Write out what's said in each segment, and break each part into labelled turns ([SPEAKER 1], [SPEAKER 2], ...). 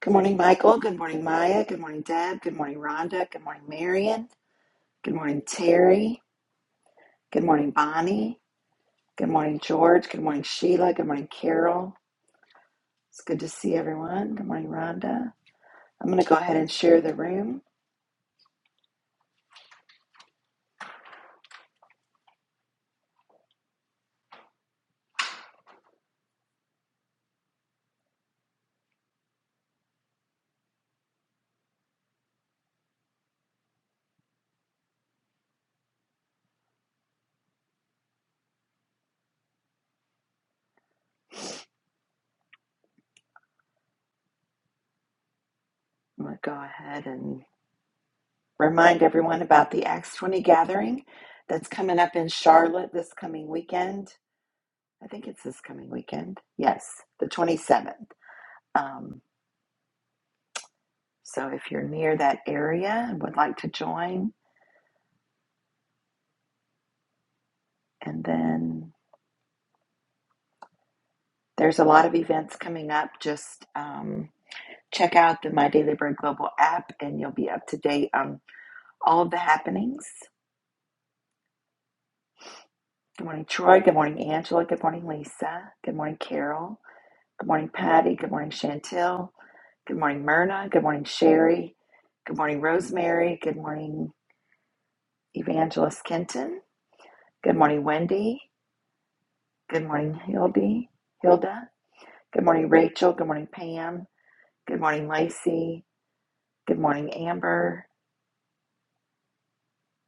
[SPEAKER 1] Good morning, Michael. Good morning, Maya. Good morning, Deb. Good morning, Rhonda. Good morning, Marion. Good morning, Terry. Good morning, Bonnie. Good morning, George. Good morning, Sheila. Good morning, Carol. It's good to see everyone. Good morning, Rhonda. I'm going to go ahead and share the room. I'm going to go ahead and remind everyone about the Acts 20 gathering that's coming up in Charlotte this coming weekend. I think it's this coming weekend. Yes, the 27th. Um, so if you're near that area and would like to join, And then there's a lot of events coming up. Just um, check out the My Daily Bread Global app and you'll be up to date on all of the happenings. Good morning, Troy. Good morning, Angela. Good morning, Lisa. Good morning, Carol. Good morning, Patty. Good morning, Chantel. Good morning, Myrna. Good morning, Sherry. Good morning, Rosemary. Good morning, Evangelist Kenton. Good morning, Wendy. Good morning, Hildy. Hilda. Good morning, Rachel. Good morning, Pam. Good morning, Lacey. Good morning, Amber.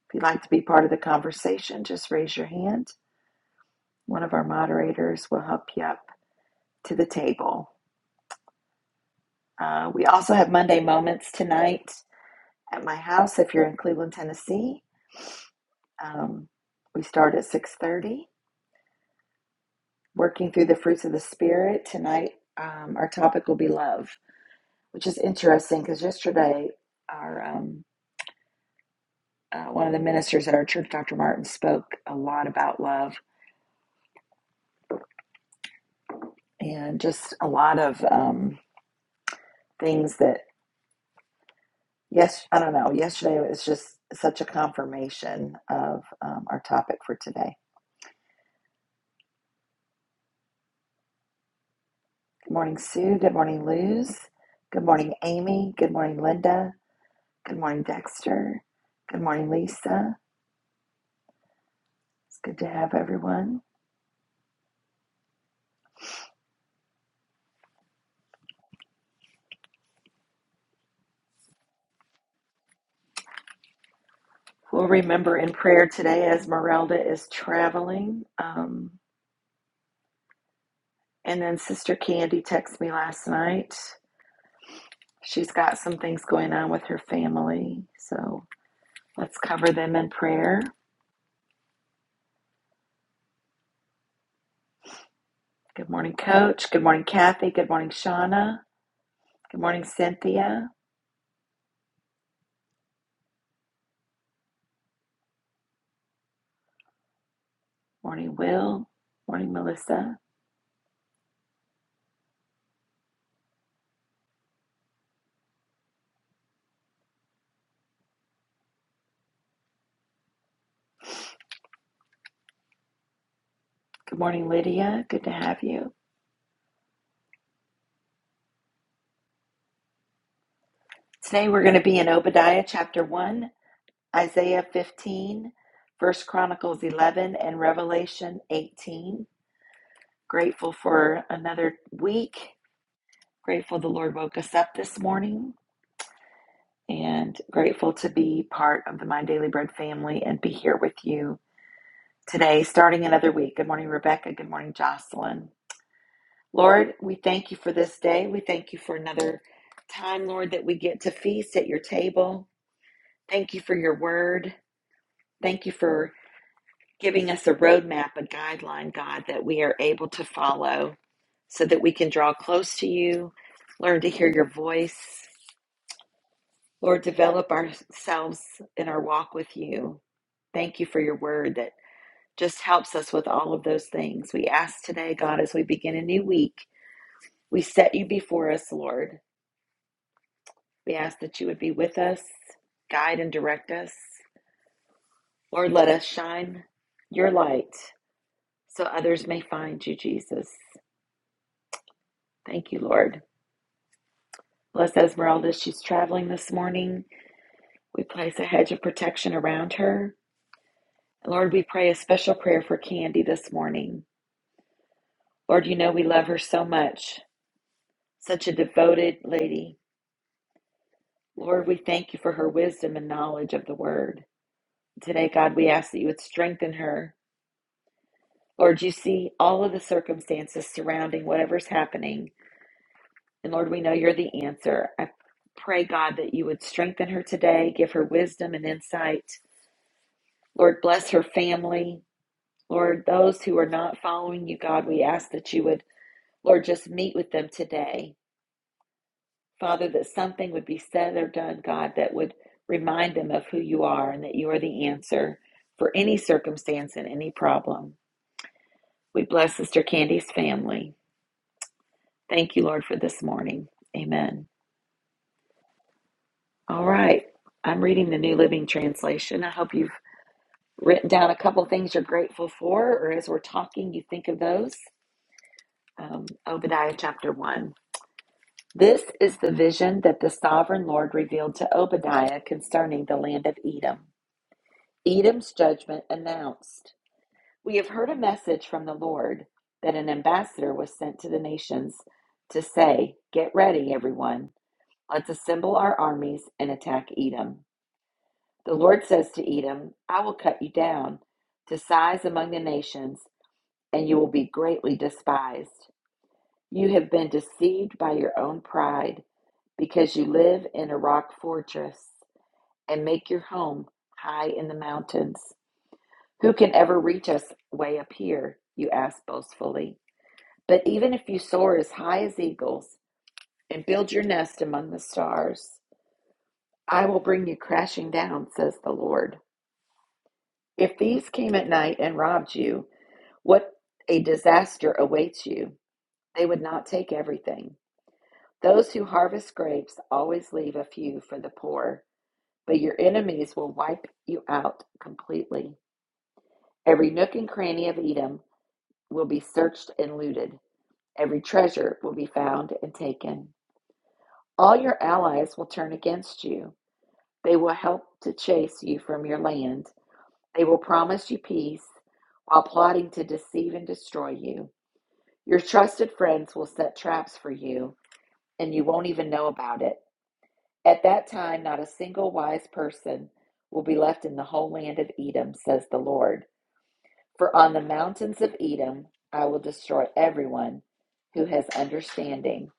[SPEAKER 1] If you'd like to be part of the conversation, just raise your hand. One of our moderators will help you up to the table. Uh, we also have Monday Moments tonight at my house if you're in Cleveland, Tennessee. Um, we start at 6.30, working through the fruits of the Spirit. Tonight, um, our topic will be love, which is interesting because yesterday our um, uh, one of the ministers at our church, Dr. Martin, spoke a lot about love and just a lot of... um, things that yes i don't know yesterday was just such a confirmation of um, our topic for today good morning sue good morning luz good morning amy good morning linda good morning dexter good morning lisa it's good to have everyone we'll remember in prayer today as merelda is traveling um, and then sister candy texted me last night she's got some things going on with her family so let's cover them in prayer Good morning, Coach. Good morning, Kathy. Good morning, Shauna. Good morning, Cynthia. Morning, Will. Morning, Melissa. Good morning, Lydia. Good to have you. Today we're going to be in Obadiah chapter 1, Isaiah 15, First Chronicles 11, and Revelation 18. Grateful for another week. Grateful the Lord woke us up this morning and grateful to be part of the My Daily Bread family and be here with you today, starting another week. Good morning, Rebecca. Good morning, Jocelyn. Lord, we thank you for this day. We thank you for another time, Lord, that we get to feast at your table. Thank you for your word. Thank you for giving us a roadmap, a guideline, God, that we are able to follow so that we can draw close to you, learn to hear your voice. Lord, develop ourselves in our walk with you. Thank you for your word that just helps us with all of those things. We ask today, God, as we begin a new week, we set you before us, Lord. We ask that you would be with us, guide and direct us. Lord, let us shine your light so others may find you, Jesus. Thank you, Lord. Bless Esmeralda. as She's traveling this morning. We place a hedge of protection around her. Lord, we pray a special prayer for Candy this morning. Lord, you know we love her so much. Such a devoted lady Lord, we thank you for her wisdom and knowledge of the word. Today, God, we ask that you would strengthen her. Lord, you see all of the circumstances surrounding whatever's happening. And Lord, we know you're the answer. I pray, God, that you would strengthen her today, give her wisdom and insight. Lord, bless her family. Lord, those who are not following you, God, we ask that you would, Lord, just meet with them today. Father, that something would be said or done, God, that would remind them of who you are and that you are the answer for any circumstance and any problem. We bless Sister Candy's family. Thank you, Lord, for this morning. Amen. All right. I'm reading the New Living Translation. I hope you've written down a couple things you're grateful for, or as we're talking, you think of those. Um, Obadiah chapter 1. This is the vision that the sovereign Lord revealed to Obadiah concerning the land of Edom. Edom's judgment announced. We have heard a message from the Lord that an ambassador was sent to the nations to say, Get ready, everyone. Let's assemble our armies and attack Edom. The Lord says to Edom, I will cut you down to size among the nations, and you will be greatly despised. You have been deceived by your own pride because you live in a rock fortress and make your home high in the mountains. Who can ever reach us way up here? You ask boastfully. But even if you soar as high as eagles and build your nest among the stars, I will bring you crashing down, says the Lord. If thieves came at night and robbed you, what a disaster awaits you. They would not take everything. Those who harvest grapes always leave a few for the poor, but your enemies will wipe you out completely. Every nook and cranny of Edom will be searched and looted. Every treasure will be found and taken. All your allies will turn against you. They will help to chase you from your land. They will promise you peace while plotting to deceive and destroy you. Your trusted friends will set traps for you, and you won't even know about it. At that time, not a single wise person will be left in the whole land of Edom, says the Lord. For on the mountains of Edom I will destroy everyone who has understanding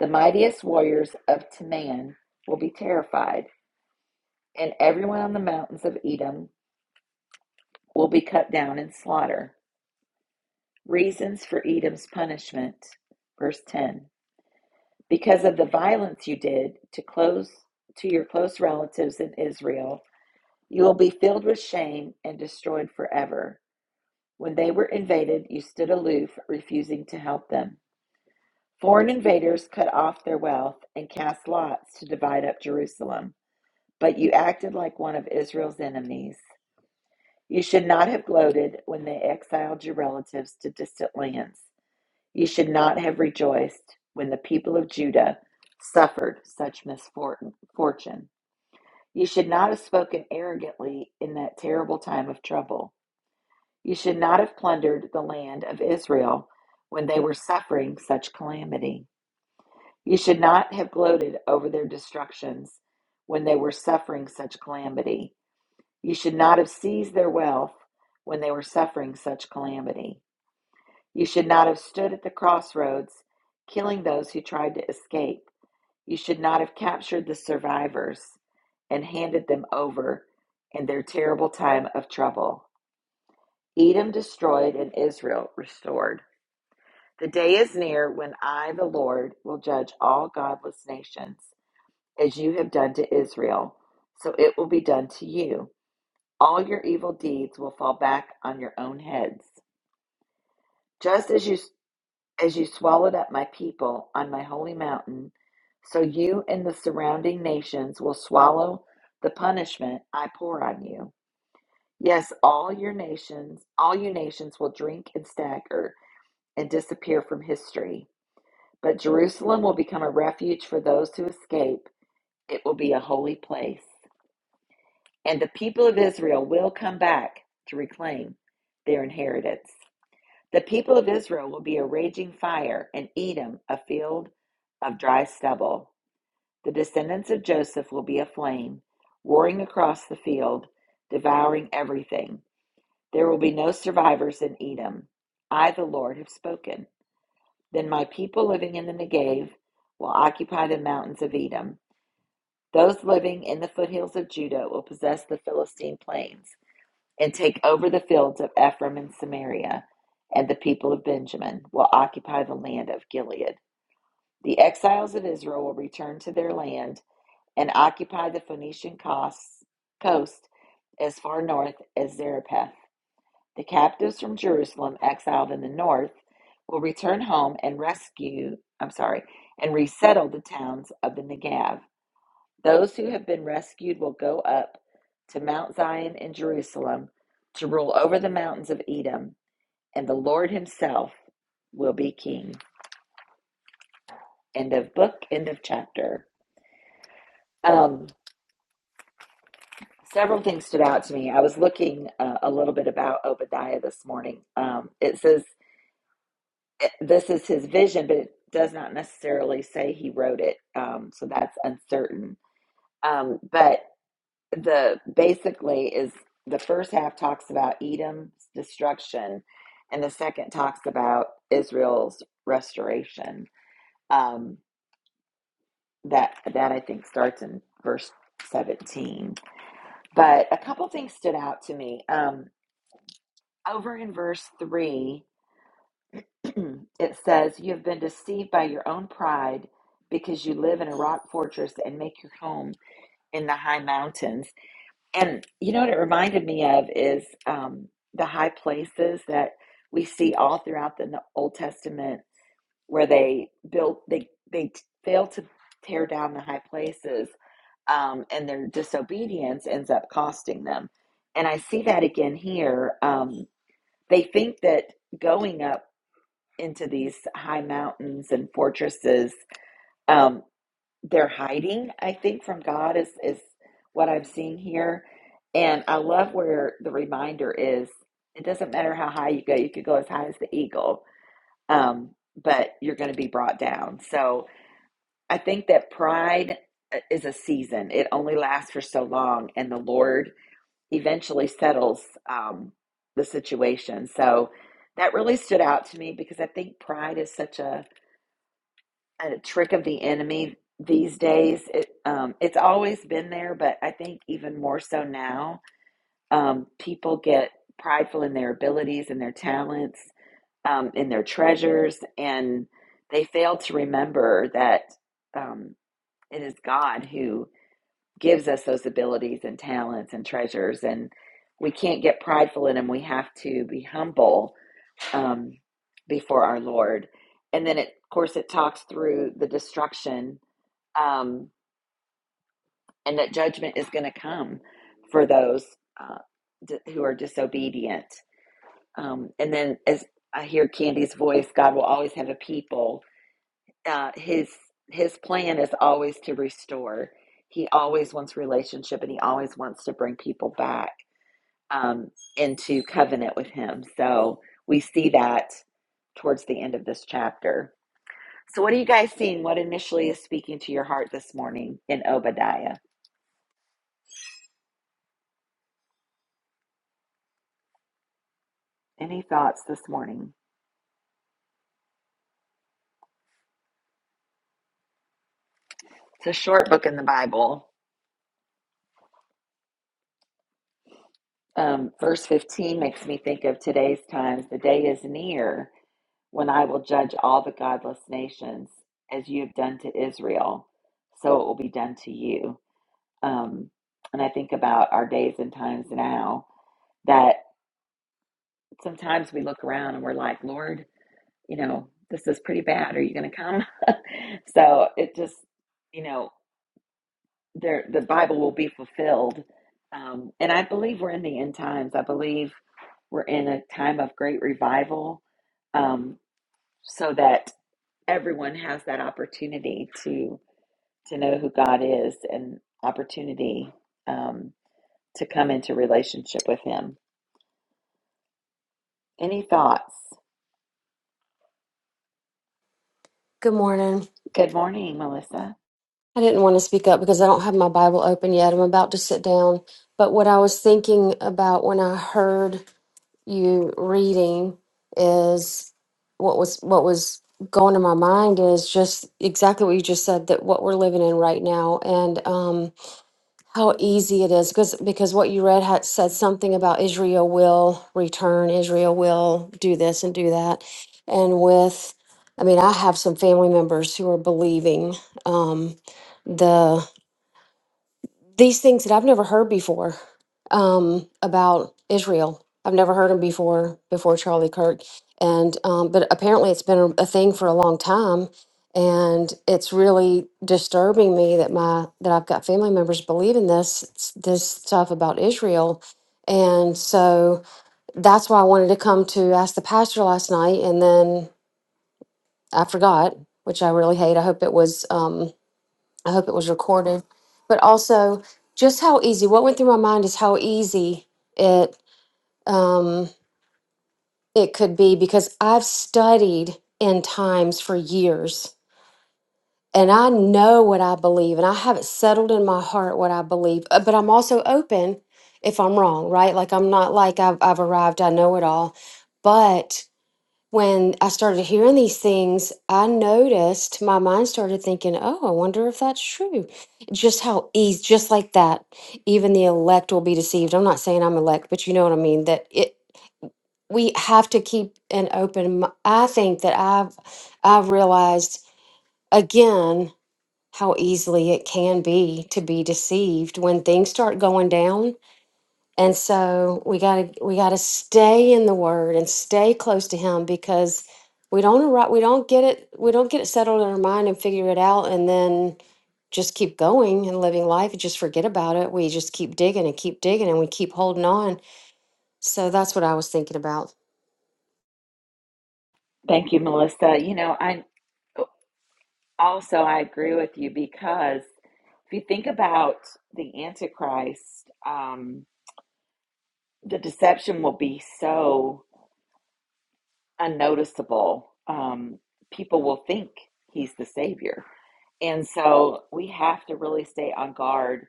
[SPEAKER 1] The mightiest warriors of Teman will be terrified, and everyone on the mountains of Edom will be cut down in slaughter. Reasons for Edom's punishment. Verse 10 Because of the violence you did to close to your close relatives in Israel, you will be filled with shame and destroyed forever. When they were invaded, you stood aloof, refusing to help them. Foreign invaders cut off their wealth and cast lots to divide up Jerusalem. but you acted like one of Israel's enemies. You should not have gloated when they exiled your relatives to distant lands. You should not have rejoiced when the people of Judah suffered such misfortune. You should not have spoken arrogantly in that terrible time of trouble. You should not have plundered the land of Israel when they were suffering such calamity. You should not have gloated over their destructions when they were suffering such calamity. You should not have seized their wealth when they were suffering such calamity. You should not have stood at the crossroads, killing those who tried to escape. You should not have captured the survivors and handed them over in their terrible time of trouble. Edom destroyed and Israel restored. The day is near when I, the Lord, will judge all godless nations, as you have done to Israel, so it will be done to you. All your evil deeds will fall back on your own heads. Just as you as you swallowed up my people on my holy mountain, so you and the surrounding nations will swallow the punishment I pour on you. Yes, all your nations, all you nations will drink and stagger and disappear from history. But Jerusalem will become a refuge for those who escape. It will be a holy place. And the people of Israel will come back to reclaim their inheritance. The people of Israel will be a raging fire, and Edom a field of dry stubble. The descendants of Joseph will be a flame, roaring across the field, devouring everything. There will be no survivors in Edom. I, the Lord, have spoken. Then my people living in the Negev will occupy the mountains of Edom. Those living in the foothills of Judah will possess the Philistine plains and take over the fields of Ephraim and Samaria, and the people of Benjamin will occupy the land of Gilead. The exiles of Israel will return to their land and occupy the Phoenician coast as far north as Zarephath. The captives from Jerusalem, exiled in the north, will return home and rescue, I'm sorry, and resettle the towns of the Negev. Those who have been rescued will go up to Mount Zion in Jerusalem to rule over the mountains of Edom, and the Lord himself will be king. End of book, end of chapter. Um, several things stood out to me. I was looking uh, a little bit about Obadiah this morning. Um, it says it- this is his vision, but it does not necessarily say he wrote it, um, so that's uncertain. Um, but the basically is the first half talks about Edom's destruction, and the second talks about Israel's restoration. Um, that that I think starts in verse seventeen. But a couple things stood out to me. Um, over in verse three, it says, "You have been deceived by your own pride." Because you live in a rock fortress and make your home in the high mountains. And you know what it reminded me of is um, the high places that we see all throughout the N- Old Testament where they built, they, they t- fail to tear down the high places um, and their disobedience ends up costing them. And I see that again here. Um, they think that going up into these high mountains and fortresses um, they're hiding, I think, from God is is what I'm seeing here. And I love where the reminder is it doesn't matter how high you go, you could go as high as the eagle, um, but you're going to be brought down. So I think that pride uh, is a season, it only lasts for so long, and the Lord eventually settles um, the situation. So that really stood out to me because I think pride is such a a trick of the enemy these days. It, um, it's always been there, but I think even more so now. Um, people get prideful in their abilities and their talents, um, in their treasures, and they fail to remember that um, it is God who gives us those abilities and talents and treasures. And we can't get prideful in them. We have to be humble um, before our Lord. And then, it, of course, it talks through the destruction um, and that judgment is going to come for those uh, d- who are disobedient. Um, and then, as I hear Candy's voice, God will always have a people. Uh, his His plan is always to restore. He always wants relationship, and he always wants to bring people back um, into covenant with Him. So we see that towards the end of this chapter. So, what are you guys seeing? What initially is speaking to your heart this morning in Obadiah? Any thoughts this morning? It's a short book in the Bible. Um, verse 15 makes me think of today's times. The day is near when I will judge all the godless nations as you have done to Israel, so it will be done to you. Um, and I think about our days and times now that sometimes we look around and we're like, Lord, you know, this is pretty bad. Are you going to come? so it just, you know, there the Bible will be fulfilled. Um, and I believe we're in the end times. I believe we're in a time of great revival, um, so that everyone has that opportunity to to know who God is and opportunity um, to come into relationship with Him. Any thoughts?
[SPEAKER 2] Good morning.
[SPEAKER 1] Good morning, Melissa.
[SPEAKER 2] I didn't want to speak up because I don't have my Bible open yet. I'm about to sit down. But what I was thinking about when I heard you reading is what was what was going in my mind is just exactly what you just said that what we're living in right now. And um, how easy it is because because what you read had said something about Israel will return, Israel will do this and do that. And with I mean, I have some family members who are believing um, the these things that I've never heard before um, about Israel. I've never heard them before before Charlie Kirk, and um, but apparently it's been a, a thing for a long time, and it's really disturbing me that my that I've got family members believing this this stuff about Israel, and so that's why I wanted to come to ask the pastor last night, and then I forgot, which I really hate. I hope it was. Um, I hope it was recorded. But also, just how easy. What went through my mind is how easy it um, it could be because I've studied in times for years, and I know what I believe, and I have it settled in my heart what I believe. uh, But I'm also open if I'm wrong, right? Like I'm not like I've I've arrived. I know it all, but when I started hearing these things, I noticed my mind started thinking, "Oh, I wonder if that's true." Just how easy, just like that, even the elect will be deceived. I'm not saying I'm elect, but you know what I mean. That it, we have to keep an open. m- I think that I've, I've realized again how easily it can be to be deceived when things start going down and so we got to we got to stay in the word and stay close to him because we don't arri- we don't get it we don't get it settled in our mind and figure it out and then just keep going and living life and just forget about it. We just keep digging and keep digging and we keep holding on. So that's what I was thinking about.
[SPEAKER 1] Thank you, Melissa. You know, I also I agree with you because if you think about the Antichrist. Um, the deception will be so unnoticeable. Um, people will think he's the savior, and so we have to really stay on guard.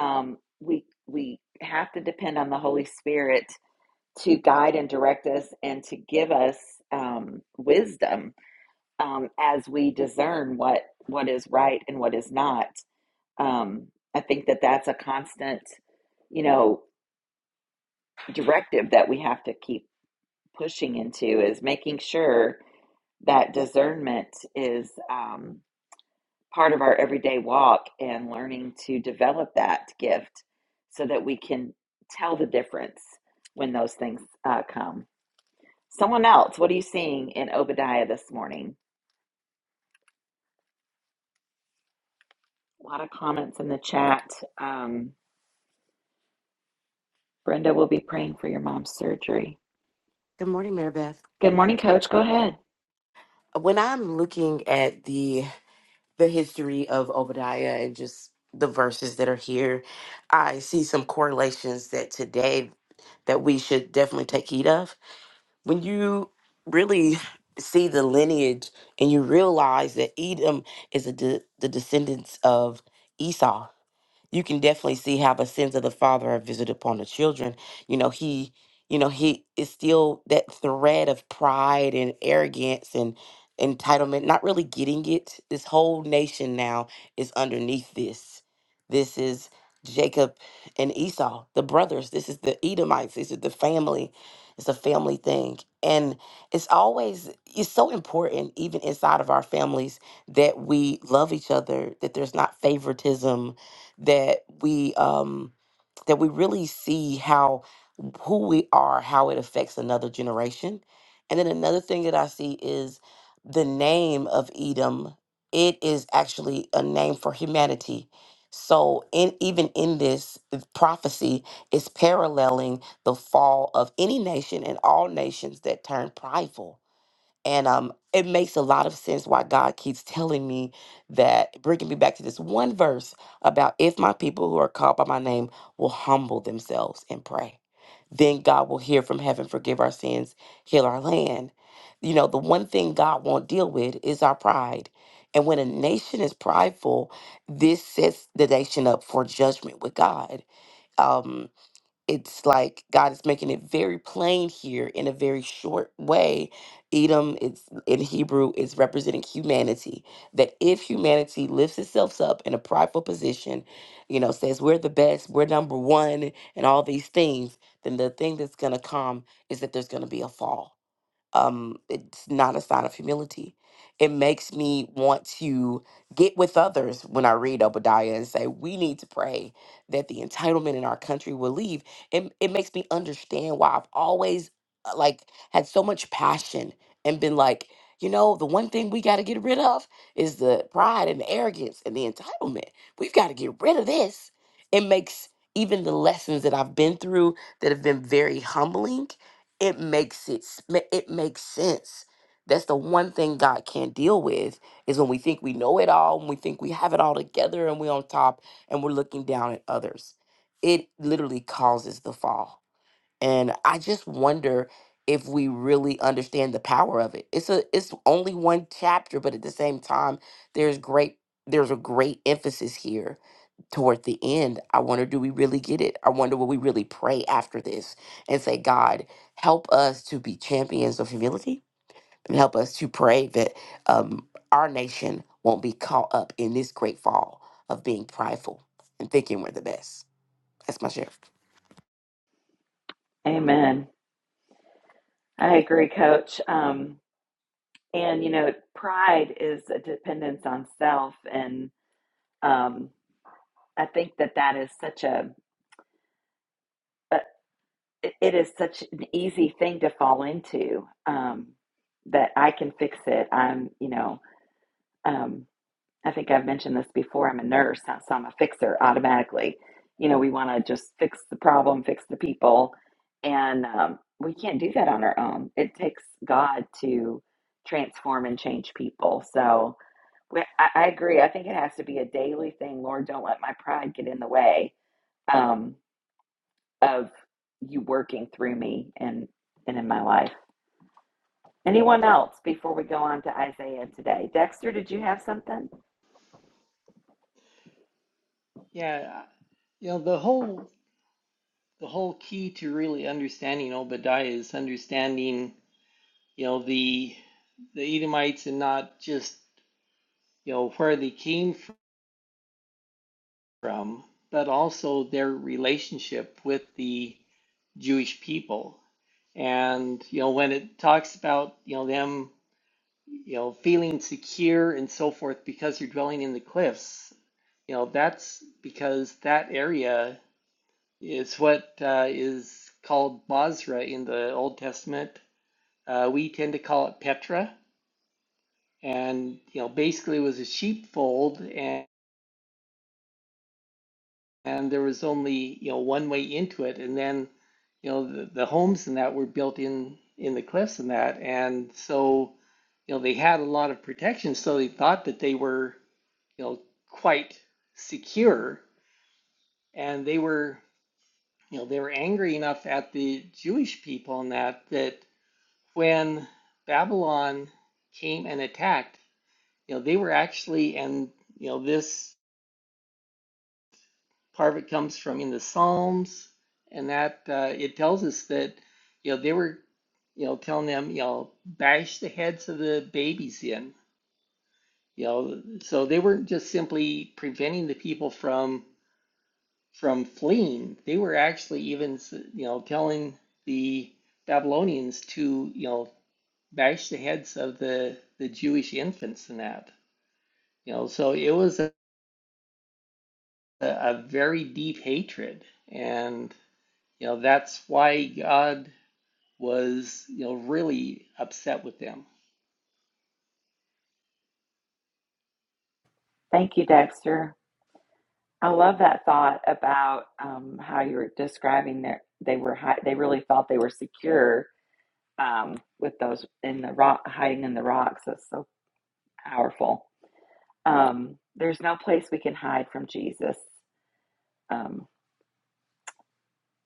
[SPEAKER 1] Um, we we have to depend on the Holy Spirit to guide and direct us and to give us um, wisdom um, as we discern what what is right and what is not. Um, I think that that's a constant, you know, directive that we have to keep pushing into is making sure that discernment is um, part of our everyday walk and learning to develop that gift so that we can tell the difference when those things uh, come. Someone else, what are you seeing in Obadiah this morning? A lot of comments in the chat. Um, Brenda will be praying for your mom's surgery.
[SPEAKER 3] Good morning, Mary Beth.
[SPEAKER 1] Good morning, Coach. Go ahead.
[SPEAKER 3] When I'm looking at the the history of Obadiah and just the verses that are here, I see some correlations that today that we should definitely take heed of. When you really see the lineage and you realize that Edom is a de- the descendants of Esau, you can definitely see how the sins of the father are visited upon the children. You know, he, you know, he is still that thread of pride and arrogance and entitlement, not really getting it. This whole nation now is underneath this. This is Jacob and Esau, the brothers. This is the Edomites. This is the family. It's a family thing. And it's always it's so important, even inside of our families, that we love each other, that there's not favoritism, that we um that we really see how who we are, how it affects another generation. And then another thing that I see is the name of Edom. It is actually a name for humanity. So in even in this uh, prophecy is paralleling the fall of any nation and all nations that turn prideful. And um, it makes a lot of sense why God keeps telling me that, bringing me back to this one verse about if my people who are called by my name will humble themselves and pray, then God will hear from heaven, forgive our sins, heal our land. You know, the one thing God won't deal with is our pride. And when a nation is prideful, this sets the nation up for judgment with God. Um, it's like God is making it very plain here in a very short way. Edom it's in Hebrew is representing humanity. That if humanity lifts itself up in a prideful position, you know, says we're the best, we're number one, and all these things, then the thing that's gonna come is that there's gonna be a fall um it's not a sign of humility it makes me want to get with others when i read obadiah and say we need to pray that the entitlement in our country will leave it, it makes me understand why i've always uh, like had so much passion and been like you know the one thing we got to get rid of is the pride and the arrogance and the entitlement we've got to get rid of this it makes even the lessons that i've been through that have been very humbling it makes it s- ma- it makes sense that's the one thing god can't deal with is when we think we know it all and we think we have it all together and we're on top and we're looking down at others it literally causes the fall and i just wonder if we really understand the power of it it's a it's only one chapter but at the same time there's great there's a great emphasis here toward the end i wonder do we really get it i wonder will we really pray after this and say god help us to be champions of humility and help us to pray that um, our nation won't be caught up in this great fall of being prideful and thinking we're the best that's my share
[SPEAKER 1] Amen. I agree, Coach. Um, And you know, pride is a dependence on self, and um, I think that that is such a, a it is such an easy thing to fall into. Um, that I can fix it. I'm, you know, um, I think I've mentioned this before. I'm a nurse, uh, so I'm a fixer automatically. You know, we want to just fix the problem, fix the people, and um, we can't do that on our own. It takes God to transform and change people. So Well, I, I agree. I think it has to be a daily thing. Lord, don't let my pride get in the way um, of you working through me and and in my life. Anyone else before we go on to Isaiah today? Dexter, did you have something?
[SPEAKER 4] Yeah, you know, the whole the whole key to really understanding Obadiah is understanding, you know, the the Edomites and not just, you know, where they came from, but also their relationship with the Jewish people. And, you know, when it talks about, you know, them, you know, feeling secure and so forth because you're dwelling in the cliffs, you know, that's because that area. It's what uh, is called Masra in the Old Testament. Uh, we tend to call it Petra, and you know, basically, it was a sheepfold, and, and there was only you know one way into it, and then you know the, the homes and that were built in in the cliffs and that, and so you know they had a lot of protection, so they thought that they were you know quite secure, and they were you know they were angry enough at the Jewish people and that that when Babylon came and attacked, you know, they were actually, and you know, this part of it comes from in the Psalms, and that uh, it tells us that, you know, they were, you know, telling them, you know, bash the heads of the babies in, you know, so they weren't just simply preventing the people from from fleeing. They were actually even, you know, telling the Babylonians to, you know, bash the heads of the the Jewish infants in that. You know, so it was a, a very deep hatred. And, you know, that's why God was, you know, really upset with them.
[SPEAKER 1] Thank you, Dexter. I love that thought about um, how you were describing their they were high, they really felt they were secure um, with those in the rock, hiding in the rocks. That's so powerful. Um, there's no place we can hide from Jesus. Um,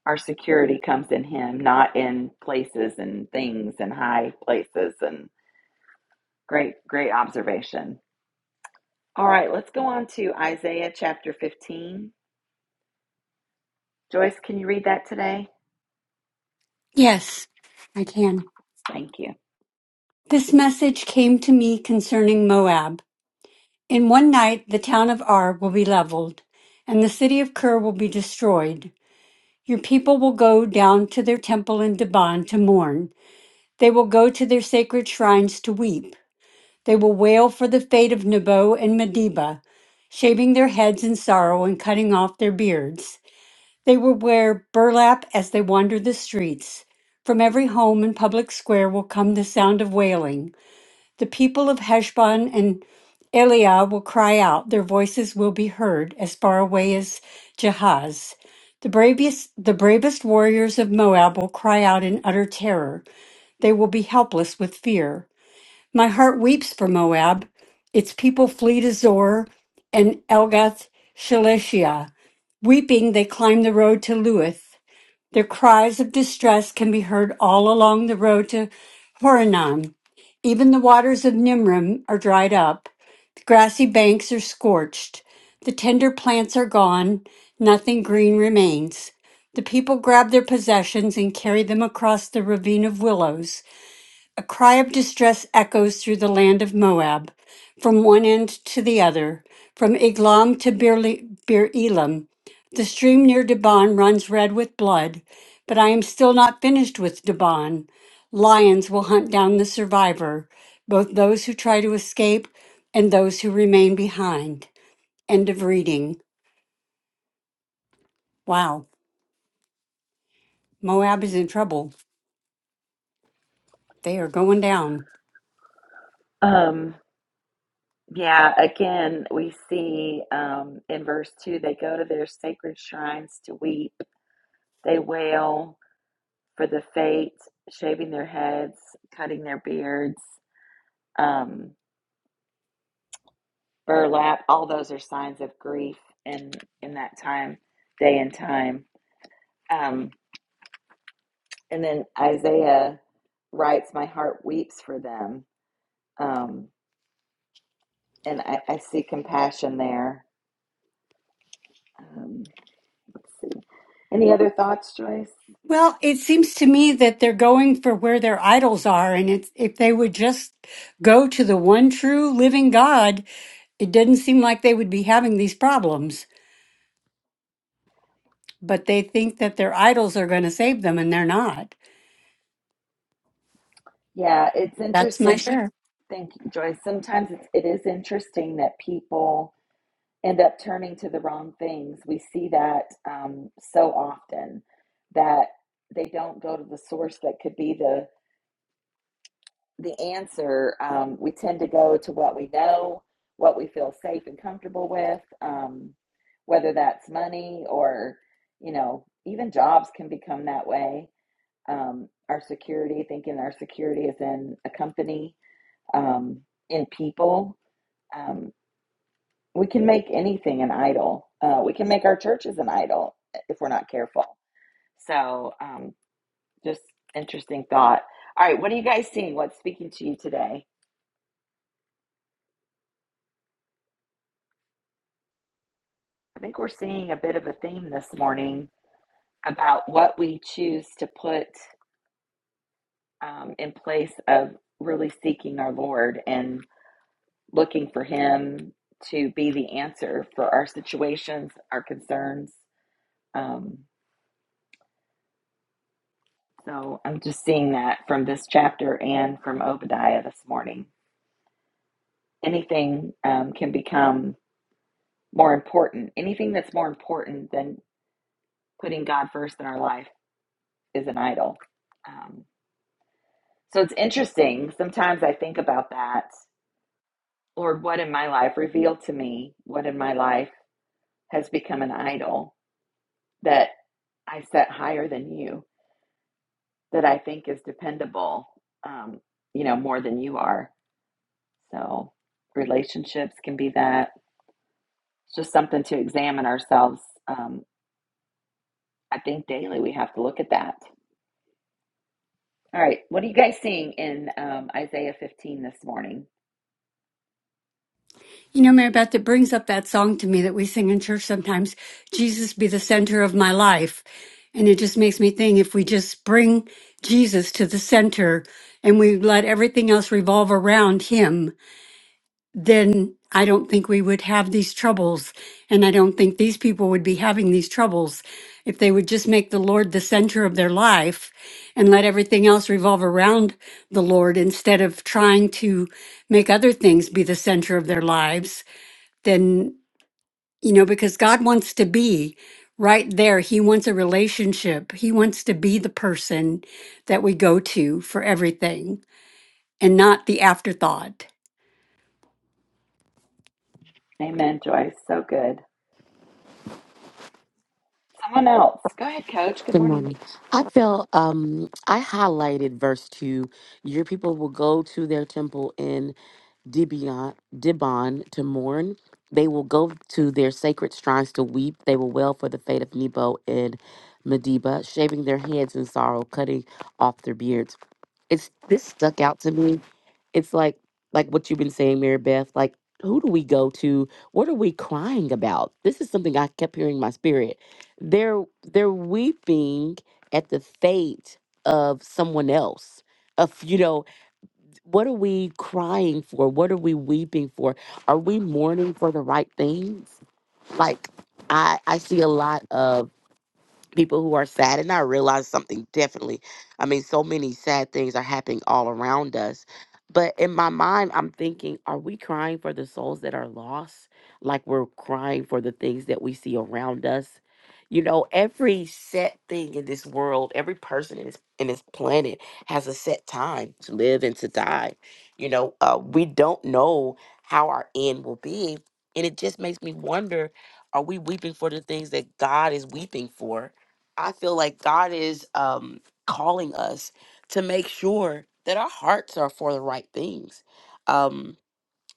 [SPEAKER 1] our security comes in Him, not in places and things and high places. And great, great observation. All right, let's go on to Isaiah chapter 15. Joyce, can you read that today?
[SPEAKER 5] Yes, I can.
[SPEAKER 1] Thank you.
[SPEAKER 5] This message came to me concerning Moab. In one night, the town of Ar will be leveled, and the city of Kir will be destroyed. Your people will go down to their temple in Deban to mourn. They will go to their sacred shrines to weep. They will wail for the fate of Nebo and Medeba, shaving their heads in sorrow and cutting off their beards. They will wear burlap as they wander the streets. From every home and public square will come the sound of wailing. The people of Heshbon and Eliah will cry out, their voices will be heard as far away as Jahaz. The bravest, the bravest warriors of Moab will cry out in utter terror. They will be helpless with fear. My heart weeps for Moab. Its people flee to Zor and Elgath Shalishiah. Weeping, they climb the road to Luith. Their cries of distress can be heard all along the road to Horonon. Even the waters of Nimrim are dried up. The grassy banks are scorched. The tender plants are gone. Nothing green remains. The people grab their possessions and carry them across the ravine of willows. A cry of distress echoes through the land of Moab, from one end to the other, from Eglam to Beerle- Beer Elam. The stream near Debon runs red with blood, but I am still not finished with Debon. Lions will hunt down the survivor, both those who try to escape and those who remain behind. End of reading. Wow, Moab is in trouble. They are going down.
[SPEAKER 1] Um, yeah, again, we see um, in verse 2 they go to their sacred shrines to weep, they wail, for the fate, shaving their heads, cutting their beards, um, burlap, all those are signs of grief in, in that time, day and time. Um, and then Isaiah writes, My heart weeps for them. Um, and I, I see compassion there. Um, let's see. Any other thoughts, Joyce?
[SPEAKER 5] Well, it seems to me that they're going for where their idols are. And it's, if they would just go to the one true living God, it doesn't seem like they would be having these problems. But they think that their idols are going to save them, and they're not.
[SPEAKER 1] Yeah, it's
[SPEAKER 5] That's my
[SPEAKER 1] interesting.
[SPEAKER 5] share.
[SPEAKER 1] Thank you, Joyce. Sometimes it's, it is interesting that people end up turning to the wrong things. We see that um, so often that they don't go to the source that could be the the answer. Um, we tend to go to what we know, what we feel safe and comfortable with, um, whether that's money or you know even jobs can become that way. Um, our security, thinking our security is in a company, um, in people. Um, We can make anything an idol. Uh, we can make our churches an idol if we're not careful. So, um, just interesting thought. All right, what are you guys seeing? What's speaking to you today? I think we're seeing a bit of a theme this morning about what we choose to put um, in place of really seeking our Lord and looking for Him to be the answer for our situations, our concerns. Um, So I'm just seeing that from this chapter and from Obadiah this morning. Anything um, can become more important. Anything that's more important than putting God first in our life is an idol. Um, so it's interesting. Sometimes I think about that. Lord, what in my life, reveal to me what in my life has become an idol that I set higher than you, that I think is dependable, um, you know, more than you are. So relationships can be that It's just something to examine ourselves. Um, I think daily we have to look at that. All right, what are you guys seeing in um, Isaiah 15 this morning?
[SPEAKER 5] You know, Mary Beth, it brings up that song to me that we sing in church sometimes Jesus be the center of my life. And it just makes me think if we just bring Jesus to the center and we let everything else revolve around him, then I don't think we would have these troubles. And I don't think these people would be having these troubles if they would just make the Lord the center of their life and let everything else revolve around the Lord instead of trying to make other things be the center of their lives. Then, you know, because God wants to be right there, He wants a relationship, He wants to be the person that we go to for everything and not the afterthought.
[SPEAKER 1] Amen, Joyce. So good. Someone else. Go ahead, Coach. Good
[SPEAKER 3] Good
[SPEAKER 1] morning.
[SPEAKER 3] morning. I feel um I highlighted verse two. Your people will go to their temple in Dibion, Dibon to mourn. They will go to their sacred shrines to weep. They will wail for the fate of Nebo and Medeba, shaving their heads in sorrow, cutting off their beards. It's this stuck out to me it's like like what you've been saying mary beth like who do we go to what are we crying about this is something i kept hearing in my spirit they're they're weeping at the fate of someone else of you know what are we crying for what are we weeping for are we mourning for the right things like i i see a lot of people who are sad and i realize something definitely i mean so many sad things are happening all around us but in my mind i'm thinking are we crying for the souls that are lost like we're crying for the things that we see around us you know every set thing in this world every person in this in this planet has a set time to live and to die you know uh, we don't know how our end will be and it just makes me wonder are we weeping for the things that god is weeping for I feel like God is um, calling us to make sure that our hearts are for the right things. Um,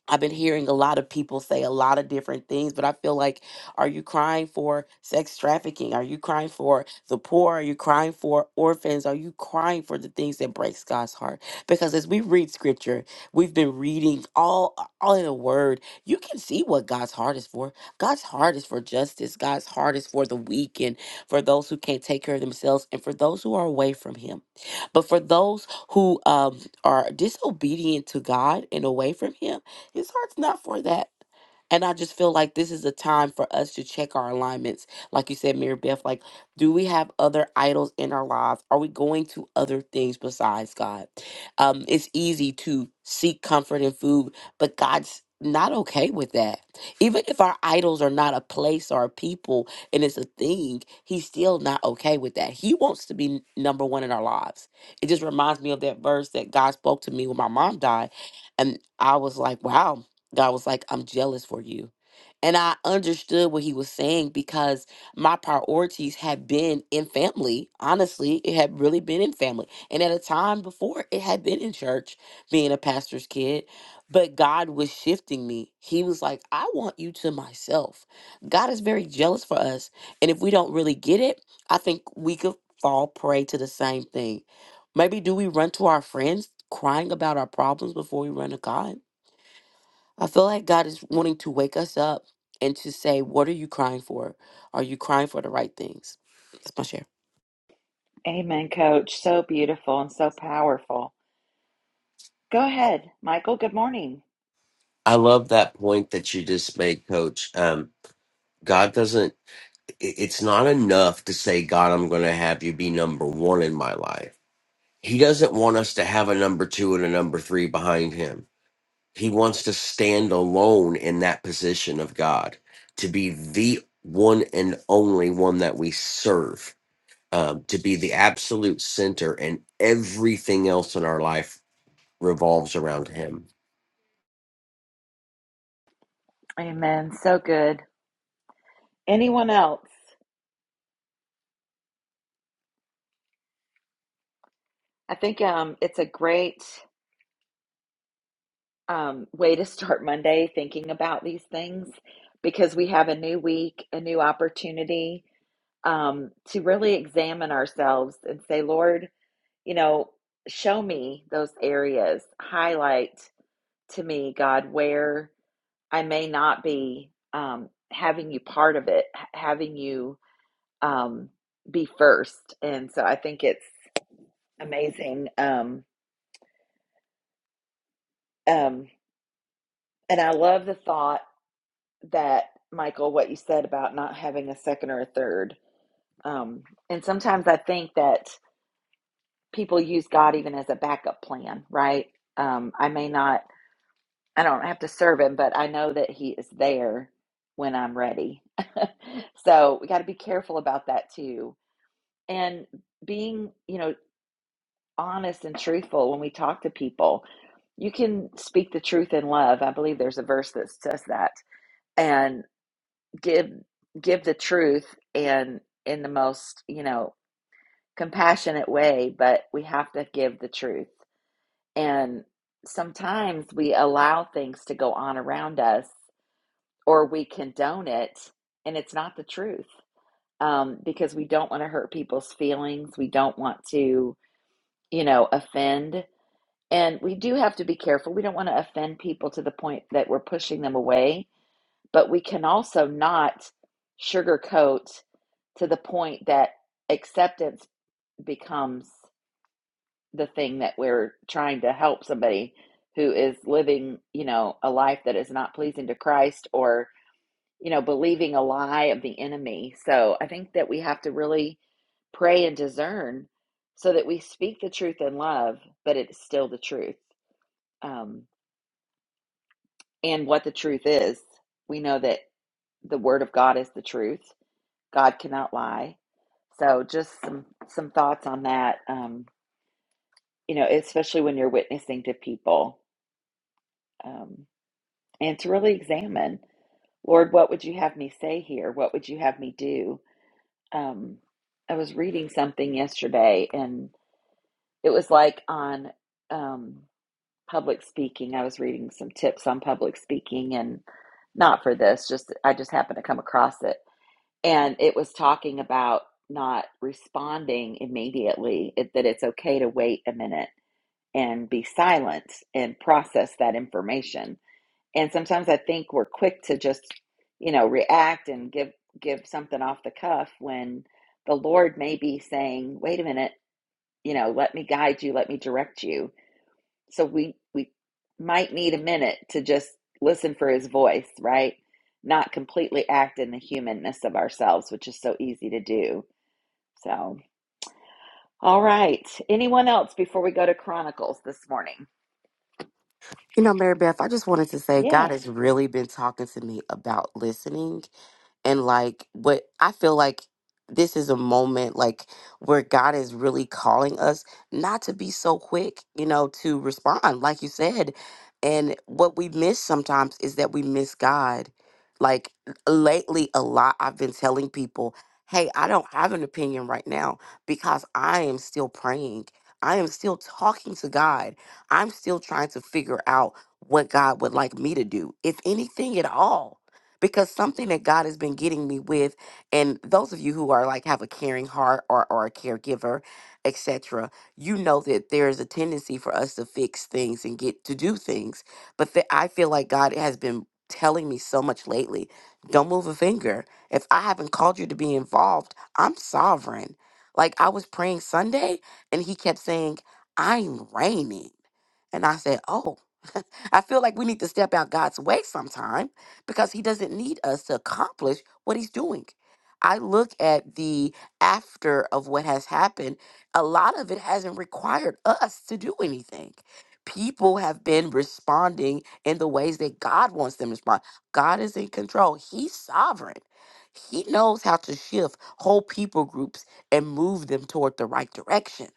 [SPEAKER 3] I've been hearing a lot of people say a lot of different things, but I feel like, are you crying for sex trafficking? Are you crying for the poor? Are you crying for orphans? Are you crying for the things that breaks God's heart? Because as we read scripture, we've been reading all all in the word. You can see what God's heart is for. God's heart is for justice. God's heart is for the weak and for those who can't take care of themselves and for those who are away from Him. But for those who um, are disobedient to God and away from Him his heart's not for that. And I just feel like this is a time for us to check our alignments. Like you said, Mary Beth, like, do we have other idols in our lives? Are we going to other things besides God? Um, it's easy to seek comfort in food, but God's not okay with that. Even if our idols are not a place or a people and it's a thing, He's still not okay with that. He wants to be n- number one in our lives. It just reminds me of that verse that God spoke to me when my mom died and I was like, wow. God was like, I'm jealous for you. And I understood what he was saying because my priorities had been in family. Honestly, it had really been in family. And at a time before, it had been in church, being a pastor's kid. But God was shifting me. He was like, I want you to myself. God is very jealous for us. And if we don't really get it, I think we could fall prey to the same thing. Maybe do we run to our friends crying about our problems before we run to God? I feel like God is wanting to wake us up and to say, What are you crying for? Are you crying for the right things? That's my share.
[SPEAKER 1] Amen, coach. So beautiful and so powerful. Go ahead, Michael. Good morning.
[SPEAKER 6] I love that point that you just made, Coach. Um, God doesn't, i- it's not enough to say, God, I'm going to have you be number one in my life. He doesn't want us to have a number two and a number three behind him. He wants to stand alone in that position of God, to be the one and only one that we serve, um, to be the absolute center, and everything else in our life revolves around him.
[SPEAKER 1] Amen. So good. Anyone else? I think um it's a great um, way to start Monday thinking about these things because we have a new week, a new opportunity um, to really examine ourselves and say, Lord, you know, show me those areas, highlight to me, God, where I may not be um, having you part of it, h- having you um, be first. And so I think it's amazing. Um, um, and I love the thought. that, Michael, what you said about not having a second or a third. Um, and sometimes I think that people use God even as a backup plan, right? Um, I may not, I don't have to serve Him, but I know that He is there when I'm ready. so we got to be careful about that too. And being, you know, honest and truthful when we talk to people, you can speak the truth in love. I believe there's a verse that says that. and. give give the truth and in the most you know compassionate way but we have to give the truth and sometimes we allow things to go on around us or we condone it and it's not the truth um, because we don't want to hurt people's feelings we don't want to you know offend and we do have to be careful we don't want to offend people to the point that we're pushing them away but we can also not sugarcoat to the point that acceptance becomes the thing that we're trying to help somebody who is living, you know, a life that is not pleasing to Christ or, you know, believing a lie of the enemy. So I think that we have to really pray and discern so that we speak the truth in love, but it's still the truth. Um, and what the truth is, we know that the word of God is the truth. God cannot lie. So just some some thoughts on that. Um, you know, especially when you're witnessing to people, um, and to really examine, Lord, what would you have me say here? What would you have me do? Um, I was reading something yesterday, and it was like on um, public speaking. I was reading some tips on public speaking, and not for this, just I just happened to come across it, and it was talking about not responding immediately, it, that it's okay to wait a minute and be silent and process that information. And sometimes I think we're quick to just, you know, react and give give something off the cuff when the Lord may be saying, "Wait a minute, you know, let me guide you, let me direct you." So we we might need a minute to just listen for his voice, right? Not completely act in the humanness of ourselves, which is so easy to do. So, all right. Anyone else before we go to Chronicles this morning?
[SPEAKER 3] You know, Mary Beth, I just wanted to say God
[SPEAKER 1] Yeah.
[SPEAKER 3] has really been talking to me about listening and like what I feel like this is a moment like where God is really calling us not to be so quick, you know, to respond, like you said. And what we miss sometimes is that we miss God. Like lately, a lot I've been telling people, hey, I don't have an opinion right now because I am still praying. I am still talking to God. I'm still trying to figure out what God would like me to do, if anything at all. Because something that God has been getting me with, and those of you who are like have a caring heart or, or a caregiver, etc., you know that there is a tendency for us to fix things and get to do things. But that I feel like God has been telling me so much lately don't move a finger. If I haven't called you to be involved, I'm sovereign. Like I was praying Sunday and he kept saying, I'm reigning. And I said, Oh, I feel like we need to step out God's way sometime because He doesn't need us to accomplish what He's doing. I look at the after of what has happened, a lot of it hasn't required us to do anything. People have been responding in the ways that God wants them to respond. God is in control, He's sovereign. He knows how to shift whole people groups and move them toward the right direction.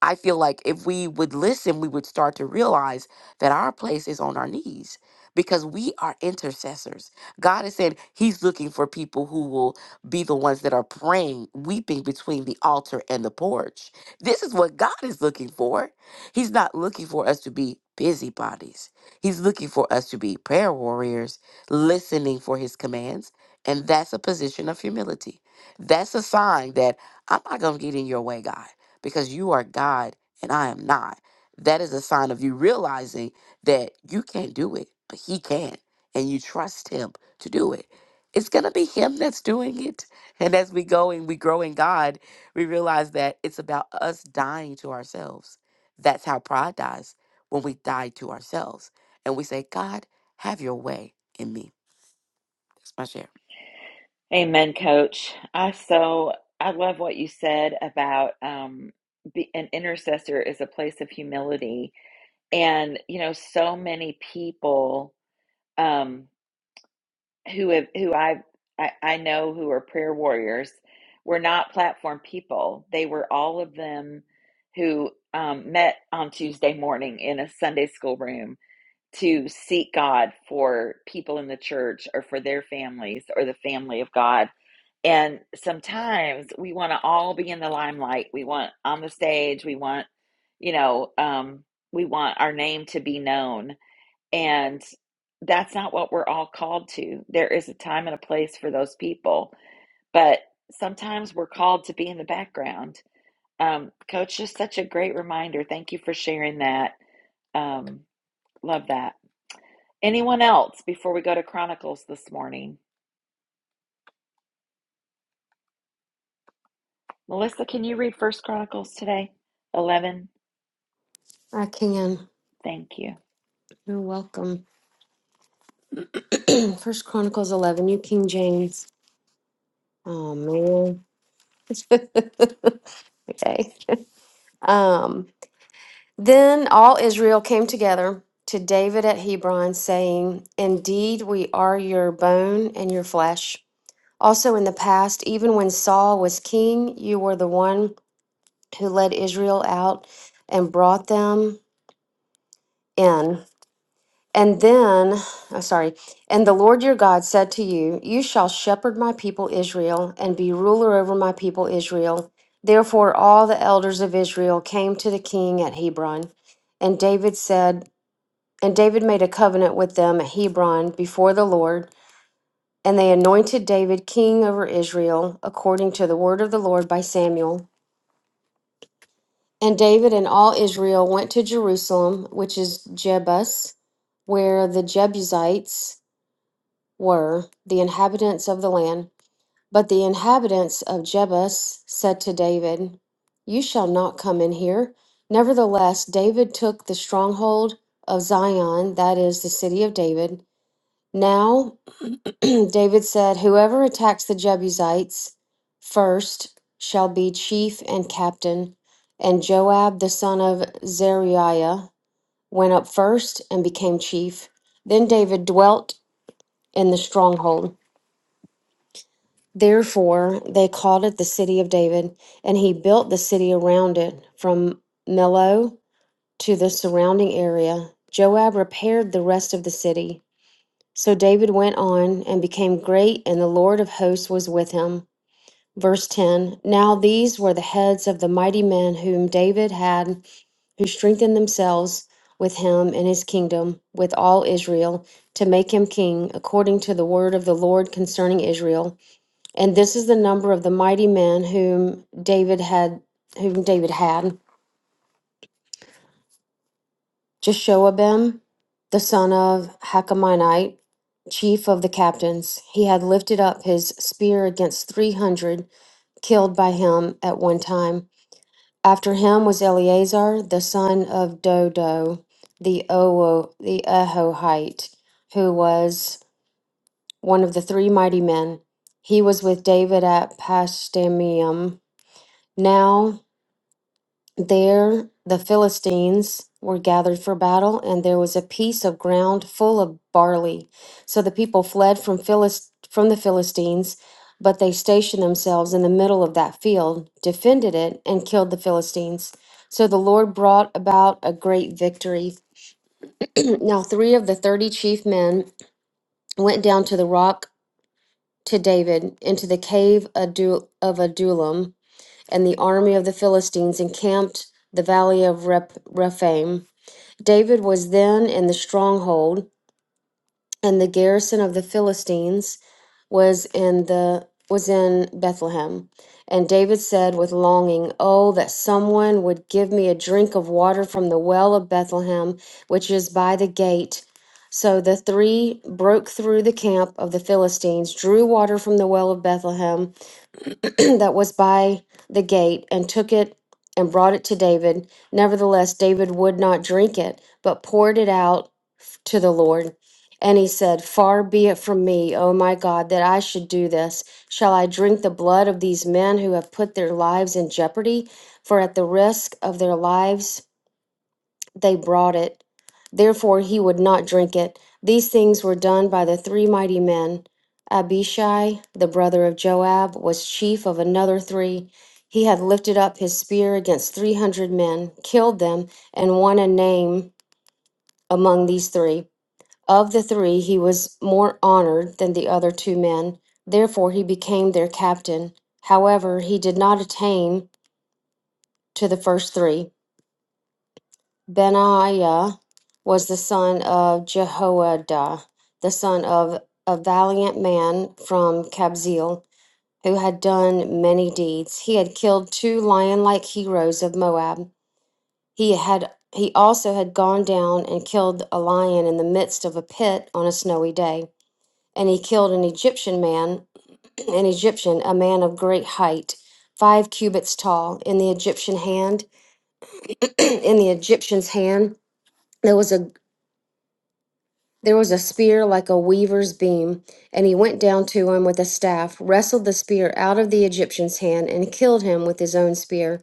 [SPEAKER 3] I feel like if we would listen, we would start to realize that our place is on our knees because we are intercessors. God is saying He's looking for people who will be the ones that are praying, weeping between the altar and the porch. This is what God is looking for. He's not looking for us to be busybodies, He's looking for us to be prayer warriors, listening for His commands. And that's a position of humility. That's a sign that I'm not going to get in your way, God because you are God and I am not. That is a sign of you realizing that you can't do it, but He can, and you trust Him to do it. It's going to be Him that's doing it. And as we go and we grow in God, we realize that it's about us dying to ourselves. That's how pride dies when we die to ourselves and we say, God, have your way in me. That's my share.
[SPEAKER 1] Amen, Coach. I so I love what you said about um, be, an intercessor is a place of humility, and you know, so many people um, who have who I've, I I know who are prayer warriors were not platform people. They were all of them who um, met on Tuesday morning in a Sunday school room to seek God for people in the church or for their families or the family of God and sometimes we want to all be in the limelight. We want on the stage. We want, you know, um, we want our name to be known. And that's not what we're all called to. There is a time and a place for those people. But sometimes we're called to be in the background. Um, Coach, just such a great reminder. Thank you for sharing that. Um, love that. Anyone else before we go to Chronicles this morning? Melissa, can you read First Chronicles today? 11.
[SPEAKER 2] I can.
[SPEAKER 1] Thank you.
[SPEAKER 2] You're welcome. First Chronicles 11, you King James. Oh man. okay. Um Then all Israel came together to David at Hebron, saying, Indeed, we are your bone and your flesh. Also, in the past, even when Saul was king, you were the one who led Israel out and brought them in. And then, oh, sorry, and the Lord your God said to you, You shall shepherd my people Israel and be ruler over my people Israel. Therefore, all the elders of Israel came to the king at Hebron. And David said, And David made a covenant with them at Hebron before the Lord, and they anointed David king over Israel, according to the word of the Lord by Samuel. And David and all Israel went to Jerusalem, which is Jebus, where the Jebusites were, the inhabitants of the land. But the inhabitants of Jebus said to David, You shall not come in here. Nevertheless, David took the stronghold of Zion, that is, the city of David. Now David said, Whoever attacks the Jebusites first shall be chief and captain. And Joab, the son of Zeruiah, went up first and became chief. Then David dwelt in the stronghold. Therefore, they called it the city of David, and he built the city around it from Millo to the surrounding area. Joab repaired the rest of the city. So David went on and became great, and the Lord of hosts was with him. Verse 10 Now these were the heads of the mighty men whom David had, who strengthened themselves with him in his kingdom, with all Israel, to make him king, according to the word of the Lord concerning Israel. And this is the number of the mighty men whom David had, whom David had Jeshoabim, the son of Hakamonite, chief of the captains. He had lifted up his spear against three hundred, killed by him at one time. After him was Eleazar the son of Dodo, the Owo, the Ahohite, who was one of the three mighty men. He was with David at Pashtemium. Now there the Philistines were gathered for battle, and there was a piece of ground full of barley. So the people fled from Philist- from the Philistines, but they stationed themselves in the middle of that field, defended it, and killed the Philistines. So the Lord brought about a great victory. now three of the thirty chief men went down to the rock to David into the cave Adu- of Adullam, and the army of the Philistines encamped the valley of Rep- Rephaim. David was then in the stronghold, and the garrison of the Philistines was in the was in Bethlehem. And David said with longing, Oh, that someone would give me a drink of water from the well of Bethlehem, which is by the gate. So the three broke through the camp of the Philistines, drew water from the well of Bethlehem that was by the gate, and took it and brought it to David. Nevertheless, David would not drink it, but poured it out to the Lord. And he said, Far be it from me, O my God, that I should do this. Shall I drink the blood of these men who have put their lives in jeopardy? For at the risk of their lives they brought it. Therefore he would not drink it. These things were done by the three mighty men. Abishai, the brother of Joab, was chief of another three. He had lifted up his spear against three hundred men, killed them, and won a name among these three. Of the three, he was more honored than the other two men. Therefore, he became their captain. However, he did not attain to the first three. Benaiah was the son of Jehoiada, the son of a valiant man from Kabzeel, who had done many deeds. He had killed two lion-like heroes of Moab. He had he also had gone down and killed a lion in the midst of a pit on a snowy day. and he killed an Egyptian man, an Egyptian, a man of great height, five cubits tall, in the Egyptian hand, in the Egyptian's hand there was a there was a spear like a weaver's beam, and he went down to him with a staff, wrestled the spear out of the Egyptian's hand, and killed him with his own spear.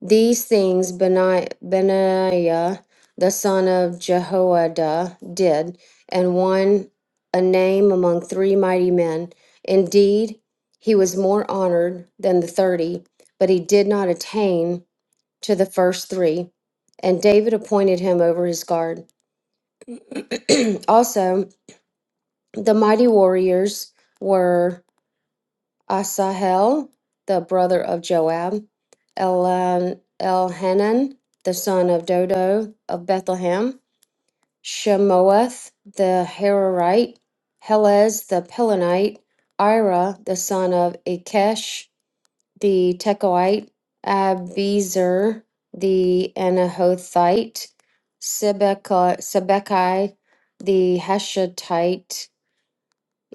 [SPEAKER 2] These things Beni- Benaiah the son of Jehoiada did, and won a name among three mighty men. Indeed, he was more honored than the thirty, but he did not attain to the first three. And David appointed him over his guard. also, the mighty warriors were. Asahel, the brother of Joab, Elan, Elhanan, the son of Dodo of Bethlehem, Shemoeth the Hararite, Helez the Pelonite, Ira the son of Ikesh the Tekoite, Abizer the Anahothite, Sibekai the Hashatite,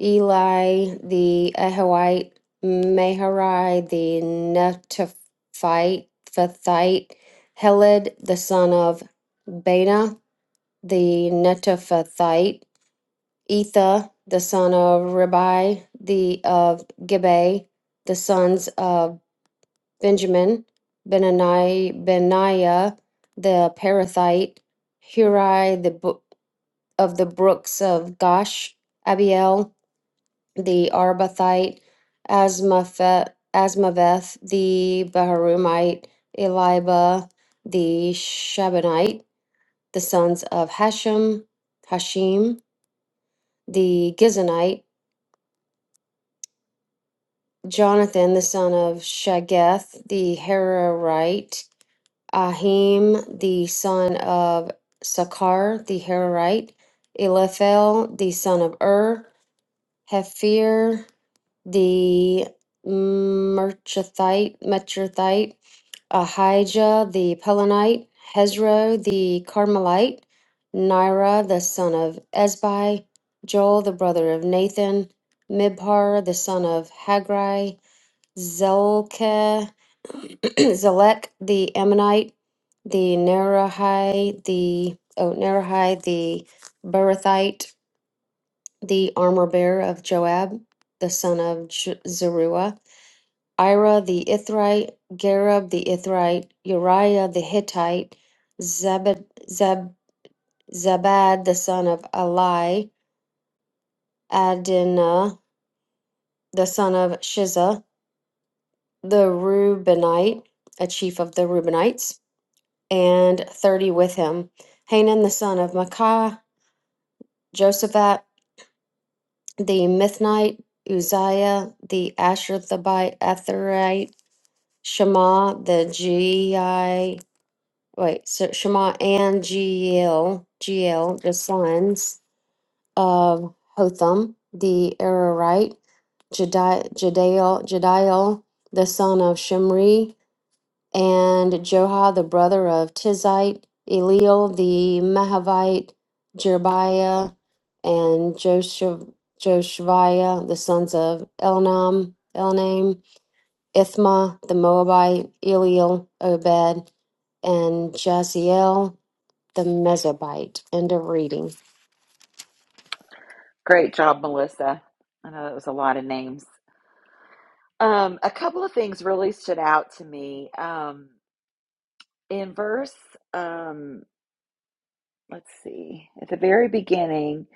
[SPEAKER 2] Eli the Ahawite, Meharai the Netophathite, Fathite, Heled the son of Bana the Netophathite, Etha the son of Ribai the of Gibeah, the sons of Benjamin, Benani, Benaiah the Parathite, Hurai the bo- of the brooks of Gosh, Abiel the Arbathite, Asmaveth, Asmaveth the Baharumite, Eliba, the Shabanite, the sons of Hashem, Hashim, the Gizonite, Jonathan, the son of Shageth, the Herorite, Ahim, the son of Sakar, the Herorite, Eliphel, the son of Ur, Hephir, the Merchathite, Metrathite, Ahijah the Pelonite, Hezro the Carmelite, Nira the son of Ezbai, Joel the brother of Nathan, Mibhar the son of Hagri, Zelke, Zelek the Ammonite, the Nerahai the oh Nerahai the Barathite, the armor bearer of Joab, the son of J- Zeruiah, Ira the Ithrite, Gareb the Ithrite, Uriah the Hittite, Zabad, Zab, Zabad the son of Ali, Adinah the son of Shiza, the Reubenite, a chief of the Reubenites, and thirty with him, Hanan the son of Makkah, Josaphat the Mithnite, Uzziah the Asherthabite, Etherite, Shema the Gii, wait, so Shema and Giel, Giel, the sons of Hotham the Ararite, Jedi, Jediel, Jediel, the son of Shimri, and Joha, the brother of Tizite, Eliel, the Mahavite, Jerbiah, and Joshav, Joshaviah, the sons of Elnam, Elnam, Ithma, the Moabite, Eliel, Obed, and Jaziel, the Mesobite. End of reading.
[SPEAKER 1] Great job, Melissa. I know that was a lot of names. Um, a couple of things really stood out to me. Um, in verse, um, let's see, at the very beginning,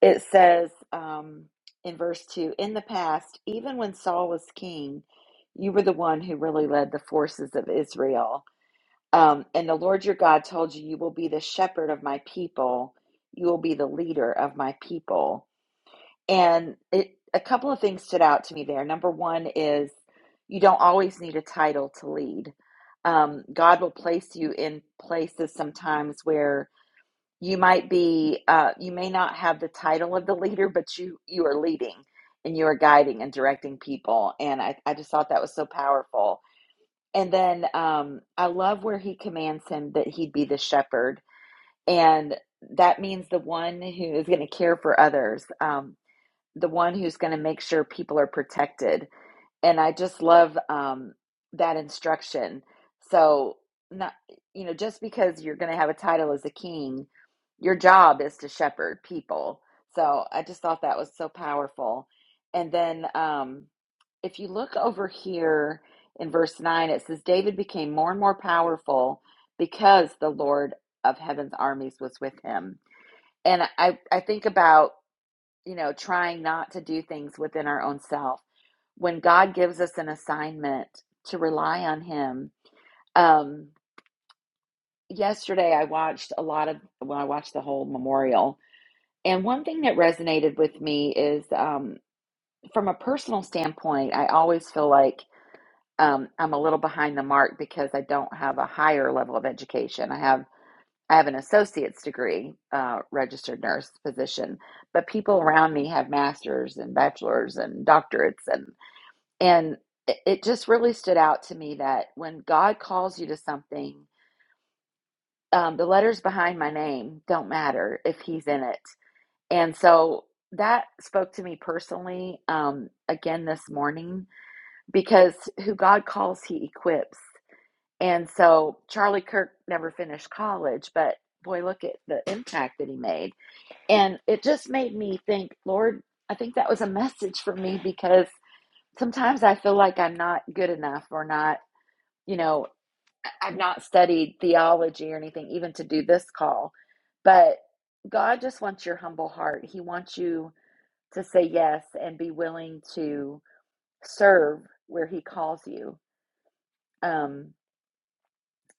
[SPEAKER 1] it says um, in verse 2 In the past, even when Saul was king, you were the one who really led the forces of Israel. Um, and the Lord your God told you, You will be the shepherd of my people, you will be the leader of my people. And it, a couple of things stood out to me there. Number one is you don't always need a title to lead. Um, God will place you in places sometimes where you might be, uh, you may not have the title of the leader, but you you are leading and you are guiding and directing people. And I, I just thought that was so powerful. And then um, I love where he commands him that he'd be the shepherd. And that means the one who is going to care for others. Um, the one who's going to make sure people are protected. And I just love um, that instruction. So, not you know, just because you're going to have a title as a king, your job is to shepherd people. So I just thought that was so powerful. And then, um, if you look over here in verse nine, it says David became more and more powerful because the Lord of Heaven's armies was with him. And I I think about you know, trying not to do things within our own self. When God gives us an assignment to rely on Him. Um, yesterday, I watched a lot of, well, I watched the whole memorial. And one thing that resonated with me is um, from a personal standpoint, I always feel like um, I'm a little behind the mark because I don't have a higher level of education. I have I have an associate's degree, uh, registered nurse, physician, but people around me have masters and bachelors and doctorates, and and it it just really stood out to me that when God calls you to something, um, the letters behind my name don't matter if He's in it. And so that spoke to me personally um, again this morning because who God calls, He equips. And so Charlie Kirk never finished college, but boy, look at the impact that he made. And it just made me think, Lord, I think that was a message for me because sometimes I feel like I'm not good enough or not you know, I- have not studied theology or anything, even to do this call, but God just wants your humble heart. He wants you to say yes and be willing to serve where He calls you. Um,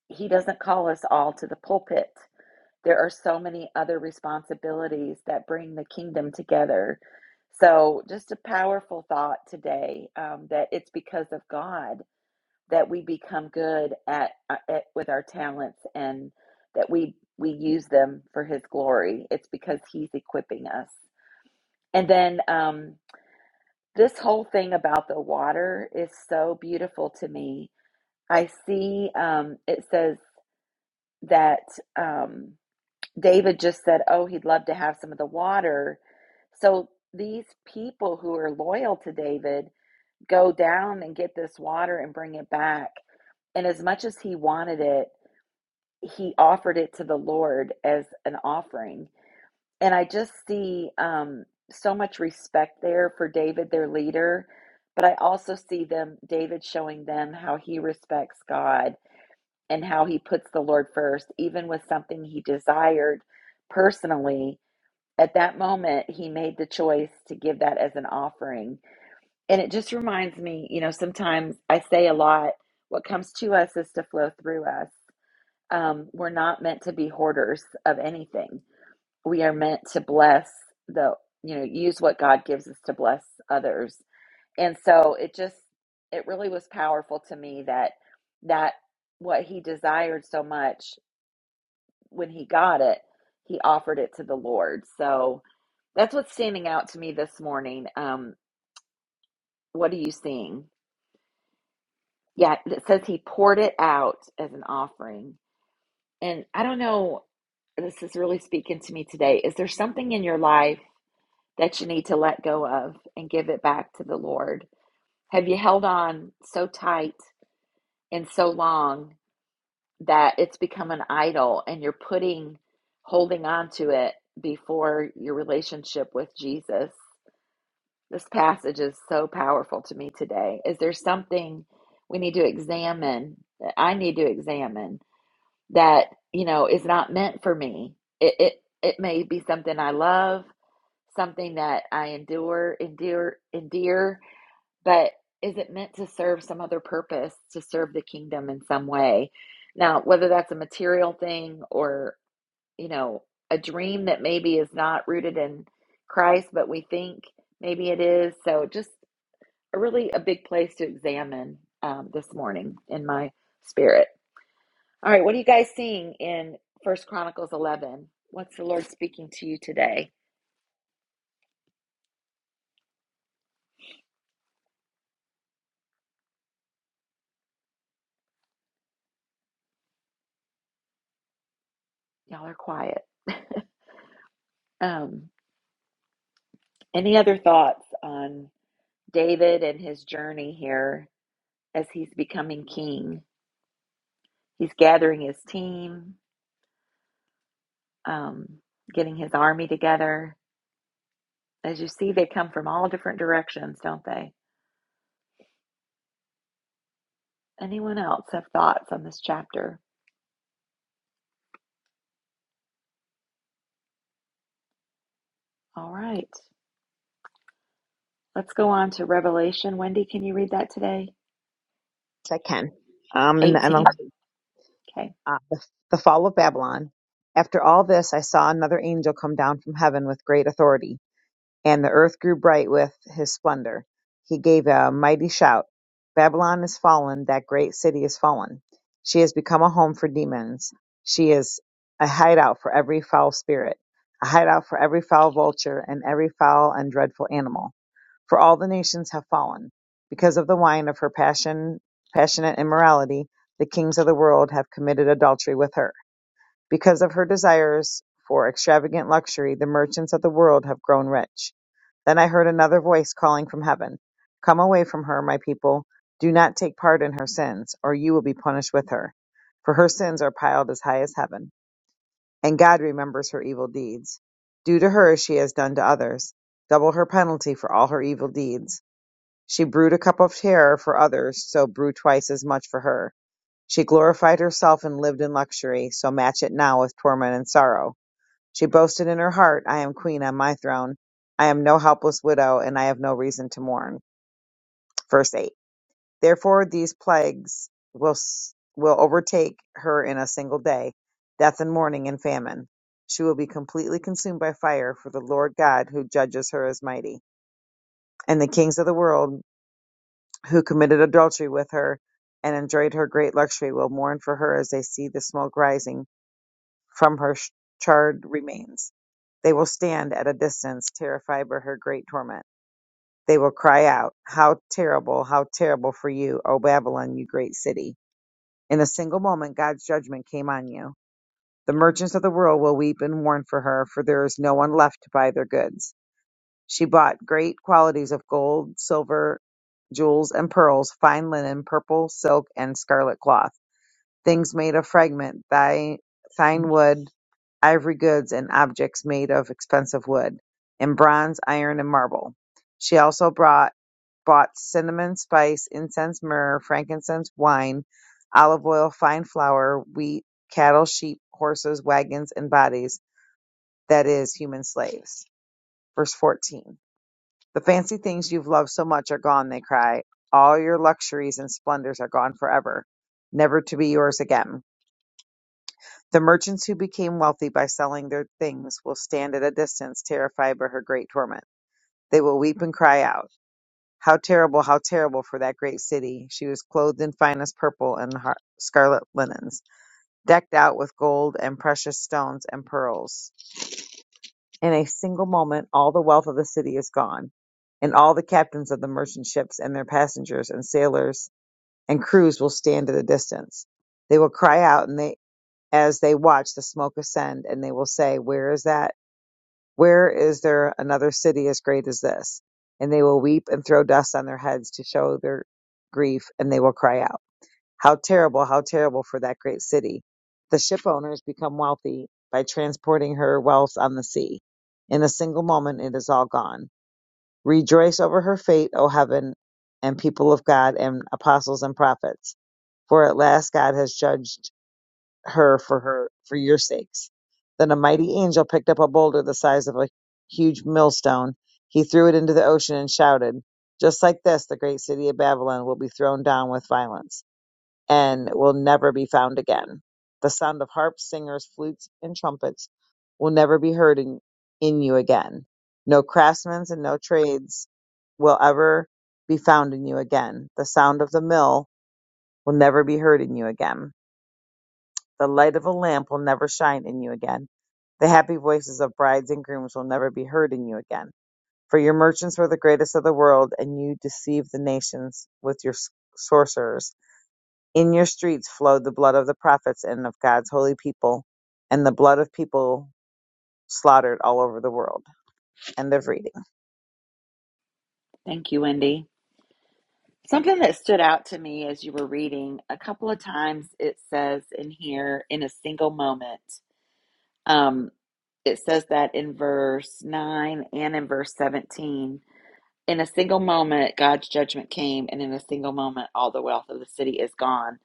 [SPEAKER 1] he doesn't call us all to the pulpit. There are so many other responsibilities that bring the kingdom together. So, just a powerful thought today um, that it's because of God that we become good at, uh, at with our talents and that we we use them for his glory it's because he's equipping us and then um this whole thing about the water is so beautiful to me i see um it says that um david just said oh he'd love to have some of the water so these people who are loyal to david go down and get this water and bring it back and as much as he wanted it he offered it to the Lord as an offering. And I just see um, so much respect there for David, their leader. But I also see them, David showing them how he respects God and how he puts the Lord first, even with something he desired personally. At that moment, he made the choice to give that as an offering. And it just reminds me, you know, sometimes I say a lot, what comes to us is to flow through us um, we're not meant to be hoarders of anything. We are meant to bless the, you know, use what God gives us to bless others. And so it just, it really was powerful to me that, that what he desired so much when he got it, he offered it to the Lord. So that's what's standing out to me this morning. Um, what are you seeing? Yeah, it says he poured it out as an offering. And I don't know, this is really speaking to me today. Is there something in your life that you need to let go of and give it back to the Lord? Have you held on so tight and so long that it's become an idol and you're putting, holding on to it before your relationship with Jesus? This passage is so powerful to me today. Is there something we need to examine that I need to examine? that you know is not meant for me it it, it may be something i love something that i endure endure endear but is it meant to serve some other purpose to serve the kingdom in some way now whether that's a material thing or you know a dream that maybe is not rooted in christ but we think maybe it is so just a really a big place to examine um, this morning in my spirit all right, what are you guys seeing in First Chronicles 11? What's the Lord speaking to you today? Y'all are quiet. Um, any other thoughts on David and his journey here as he's becoming king? He's gathering his team, um, getting his army together. As you see, they come from all different directions, don't they? Anyone else have thoughts on this chapter? All right, let's go on to Revelation. Wendy, can you read that today?
[SPEAKER 7] Yes, I can. Um, in the
[SPEAKER 1] 18.
[SPEAKER 7] amongst
[SPEAKER 1] Okay,
[SPEAKER 7] uh, the, the fall of Babylon. After all this, I saw another angel come down from heaven with great authority, and the earth grew bright with his splendor. He gave a mighty shout. Babylon is fallen, that great city is fallen. She has become a home for demons. She is a hideout for every foul spirit, a hideout for every foul vulture and every foul and dreadful animal. For all the nations have fallen. Because of the wine of her passion, passionate immorality, the kings of the world have committed adultery with her. Because of her desires for extravagant luxury, the merchants of the world have grown rich. Then I heard another voice calling from heaven Come away from her, my people. Do not take part in her sins, or you will be punished with her. For her sins are piled as high as heaven, and God remembers her evil deeds. Do to her as she has done to others. Double her penalty for all her evil deeds she brewed a cup of terror for others, so brew twice as much for her. She glorified herself and lived in luxury, so match it now with torment and sorrow. She boasted in her heart, I am queen on my throne. I am no helpless widow, and I have no reason to mourn. Verse 8. Therefore these plagues will, s- will overtake her in a single day, death and mourning and famine. She will be completely consumed by fire, for the Lord God who judges her is mighty. And the kings of the world who committed adultery with her and enjoyed her great luxury will mourn for her as they see the smoke rising from her sh- charred remains. They will stand at a distance, terrified by her great torment. They will cry out, How terrible, how terrible for you, O Babylon, you great city. In a single moment, God's judgment came on you. The merchants of the world will weep and mourn for her, for there is no one left to buy their goods. She bought great quantities of gold, silver, jewels and pearls, fine linen, purple silk and scarlet cloth, things made of fragment, thi- thine wood, ivory goods, and objects made of expensive wood, in bronze, iron, and marble. She also brought, bought cinnamon, spice, incense, myrrh, frankincense, wine, olive oil, fine flour, wheat, cattle, sheep, horses, wagons, and bodies, that is, human slaves. Verse 14. The fancy things you've loved so much are gone, they cry. All your luxuries and splendors are gone forever, never to be yours again. The merchants who became wealthy by selling their things will stand at a distance, terrified by her great torment. They will weep and cry out, How terrible, how terrible for that great city! She was clothed in finest purple and har- scarlet linens, decked out with gold and precious stones and pearls. In a single moment, all the wealth of the city is gone, and all the captains of the merchant ships and their passengers and sailors and crews will stand at a distance. They will cry out, and they, as they watch the smoke ascend, and they will say, "Where is that? Where is there another city as great as this?" And they will weep and throw dust on their heads to show their grief, and they will cry out. How terrible, how terrible for that great city. The ship owners become wealthy by transporting her wealth on the sea. In a single moment, it is all gone. Rejoice over her fate, O heaven and people of God and apostles and prophets, for at last God has judged her for her, for your sakes. Then a mighty angel picked up a boulder the size of a huge millstone. He threw it into the ocean and shouted, Just like this, the great city of Babylon will be thrown down with violence and will never be found again. The sound of harps, singers, flutes, and trumpets will never be heard in, in you again. No craftsmen and no trades will ever be found in you again. The sound of the mill will never be heard in you again. The light of a lamp will never shine in you again. The happy voices of brides and grooms will never be heard in you again. For your merchants were the greatest of the world, and you deceived the nations with your sorcerers. In your streets flowed the blood of the prophets and of God's holy people, and the blood of people slaughtered all over the world. End of reading.
[SPEAKER 1] thank you, Wendy. Something that stood out to me as you were reading a couple of times, it says in here, in a single moment. Um, it says that in verse 9 and in verse 17. In a single moment, God's judgment came, and in a single moment, all the wealth of the city is gone.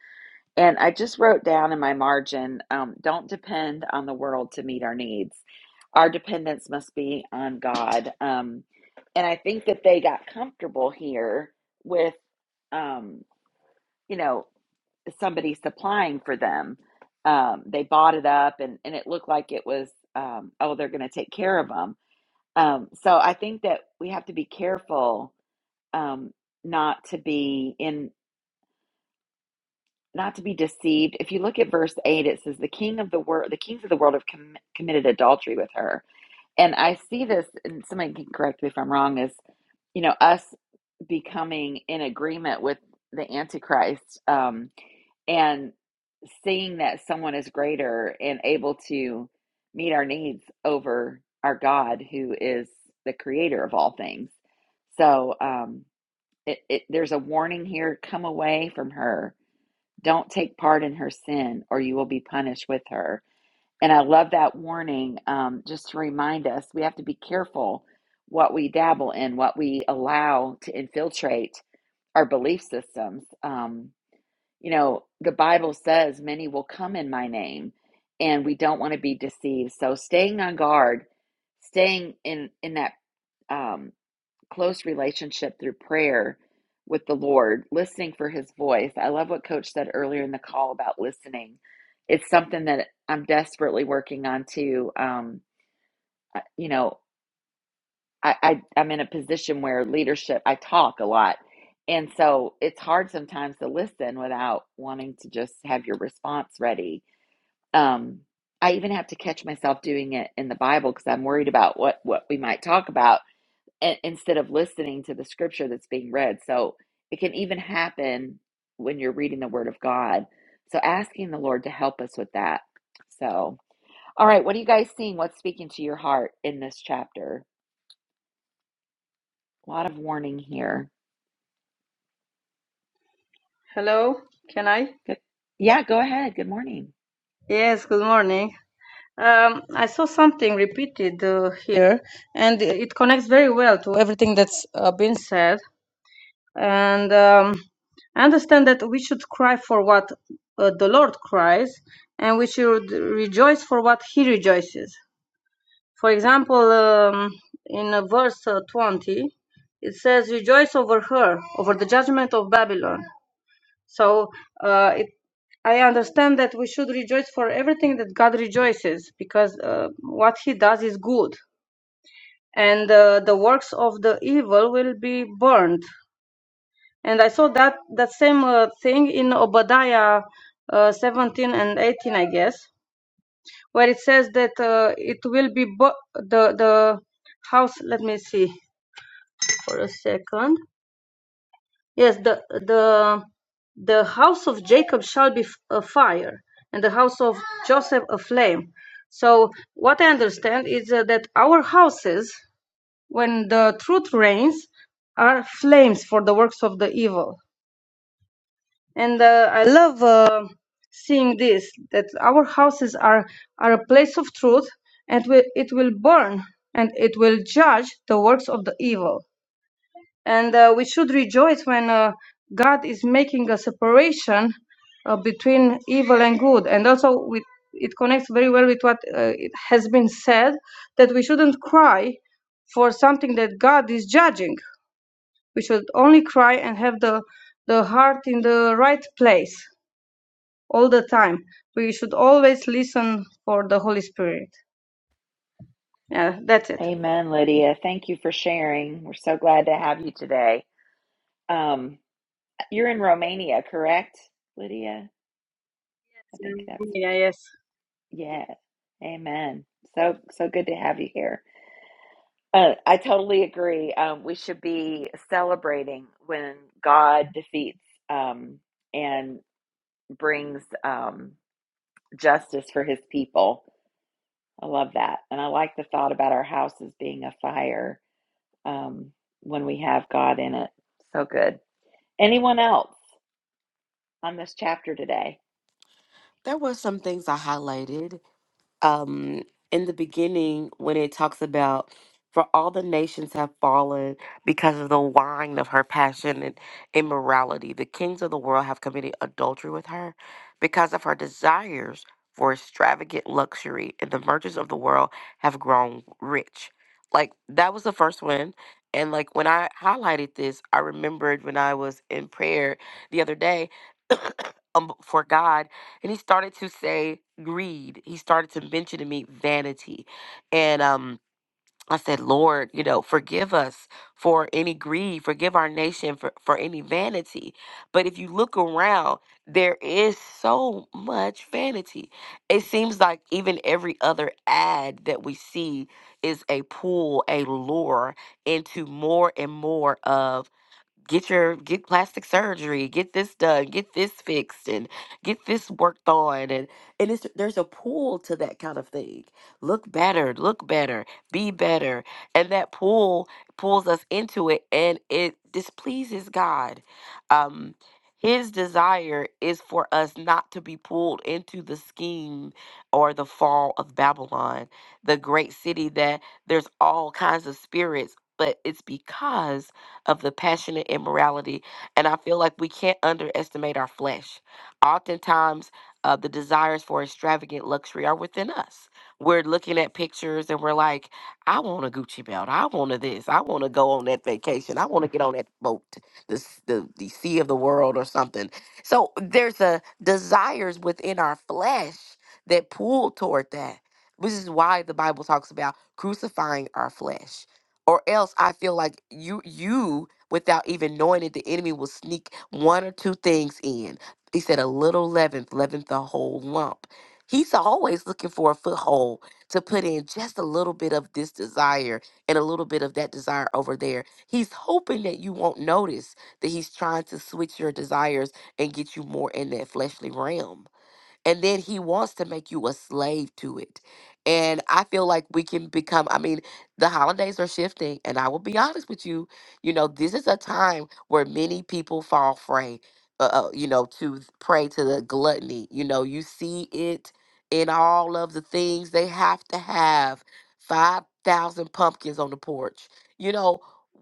[SPEAKER 1] And I just wrote down in my margin um, don't depend on the world to meet our needs. Our dependence must be on God. Um, and I think that they got comfortable here with. Um, you know somebody supplying for them um, they bought it up and, and it looked like it was um, oh they're going to take care of them um, so i think that we have to be careful um, not to be in not to be deceived if you look at verse 8 it says the king of the world the kings of the world have com- committed adultery with her and i see this and somebody can correct me if i'm wrong is you know us becoming in agreement with the antichrist um, and seeing that someone is greater and able to meet our needs over our God, who is the creator of all things. So um, it, it, there's a warning here come away from her. Don't take part in her sin, or you will be punished with her. And I love that warning um, just to remind us we have to be careful what we dabble in, what we allow to infiltrate our belief systems. Um, you know, the Bible says many will come in my name, and we don't want to be deceived. So staying on guard, staying in in that um, close relationship through prayer with the Lord, listening for His voice. I love what Coach said earlier in the call about listening. It's something that I'm desperately working on too. Um, uh, you know, I, I I'm in a position where leadership I talk a lot. And so it's hard sometimes to listen without wanting to just have your response ready. Um, I even have to catch myself doing it in the Bible because I'm worried about what what we might talk about and, instead of listening to the scripture that's being read. So it can even happen when you're reading the Word of God. So asking the Lord to help us with that. So, all right, what are you guys seeing? What's speaking to your heart in this chapter? A lot of warning here.
[SPEAKER 8] Hello, can I?
[SPEAKER 1] Good. Yeah, go ahead. Good morning.
[SPEAKER 8] Yes, good morning. Um, I saw something repeated uh, here, and it connects very well to everything that's uh, been said. And um, I understand that we should cry for what uh, the Lord cries, and we should rejoice for what He rejoices. For example, um, in uh, verse uh, 20, it says, Rejoice over her, over the judgment of Babylon. So uh, it, I understand that we should rejoice for everything that God rejoices, because uh, what He does is good, and uh, the works of the evil will be burned. And I saw that that same uh, thing in Obadiah uh, 17 and 18, I guess, where it says that uh, it will be bu- the the house. Let me see for a second Yes, the the the house of Jacob shall be f- a fire, and the house of Joseph a flame. So what I understand is uh, that our houses, when the truth reigns, are flames for the works of the evil. And uh, I love uh, seeing this that our houses are are a place of truth, and will it will burn and it will judge the works of the evil. And uh, we should rejoice when uh, God is making a separation uh, between evil and good. And also, with, it connects very well with what uh, it has been said that we shouldn't cry for something that God is judging. We should only cry and have the, the heart in the right place all the time. We should always listen for the Holy Spirit. Yeah, that's it.
[SPEAKER 1] Amen, Lydia. Thank you for sharing. We're so glad to have you today. Um, you're in Romania, correct, Lydia? I think that's
[SPEAKER 8] Yeah, yes.
[SPEAKER 1] yeah. Amen. So so good to have you here. Uh, I totally agree. Um, we should be celebrating when God defeats um, and brings um, justice for His people. I love that, and I like the thought about our houses being a fire um, when we have God in it. So good. Anyone else on this chapter today?
[SPEAKER 3] There were some things I highlighted um in the beginning when it talks about for all the nations have fallen because of the wine of her passion and immorality the kings of the world have committed adultery with her because of her desires for extravagant luxury and the merchants of the world have grown rich like that was the first one and like when i highlighted this i remembered when i was in prayer the other day um, for god and he started to say greed. He started to mention to me vanity, and um, I said, Lord, you know, forgive us for any greed, forgive our nation for for any vanity. But if you look around, there is so much vanity. It seems like even every other ad that we see is a pull, a lure into more and more of get your get plastic surgery get this done get this fixed and get this worked on and and it's there's a pull to that kind of thing look better look better be better and that pull pulls us into it and it displeases god um his desire is for us not to be pulled into the scheme or the fall of babylon the great city that there's all kinds of spirits but it's because of the passionate immorality. And I feel like we can't underestimate our flesh. Oftentimes, uh, the desires for extravagant luxury are within us. We're looking at pictures and we're like, I want a Gucci belt. I want a this. I want to go on that vacation. I want to get on that boat, the, s- the, the sea of the world or something. So there's a desires within our flesh that pull toward that, which is why the Bible talks about crucifying our flesh or else I feel like you you without even knowing it, the enemy will sneak one or two things in. He said a little leaven leaveneth the whole lump. He's always looking for a foothold to put in just a little bit of this desire and a little bit of that desire over there. He's hoping that you won't notice that he's trying to switch your desires and get you more in that fleshly realm and then he wants to make you a slave to it. And I feel like we can become, I mean, the holidays are shifting. And I will be honest with you, you know, this is a time where many people fall prey, uh, uh, you know, to th- prey to the gluttony. You know, you see it in all of the things they have to have 5,000 pumpkins on the porch. You know,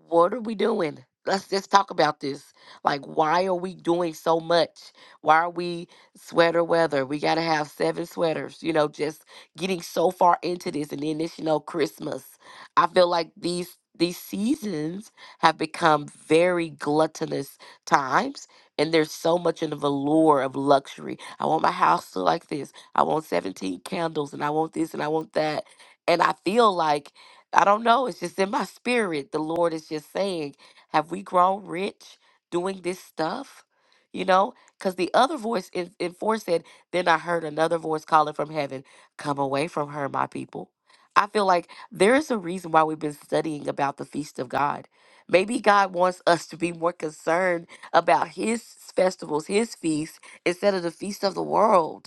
[SPEAKER 3] what are we doing? Let's just talk about this. Like, why are we doing so much? Why are we? sweater weather. We gotta have seven sweaters, you know, just getting so far into this and then this, you know, Christmas. I feel like these these seasons have become very gluttonous times and there's so much in the velour of luxury. I want my house to like this. I want 17 candles and I want this and I want that. And I feel like I don't know, it's just in my spirit. The Lord is just saying, have we grown rich doing this stuff? You know, because the other voice in, in 4 said, Then I heard another voice calling from heaven, Come away from her, my people. I feel like there is a reason why we've been studying about the feast of God. Maybe God wants us to be more concerned about his festivals, his feasts, instead of the feast of the world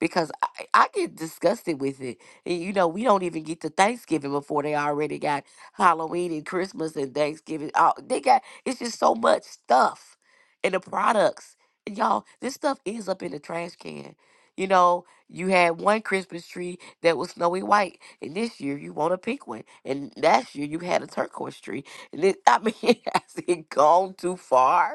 [SPEAKER 3] because I, I get disgusted with it. And, you know, we don't even get to Thanksgiving before they already got Halloween and Christmas and Thanksgiving. Oh, they got it's just so much stuff and the products. And y'all, this stuff ends up in the trash can. You know, you had one Christmas tree that was snowy white, and this year you want a pink one, and last year you had a turquoise tree. And it, I mean, has it gone too far?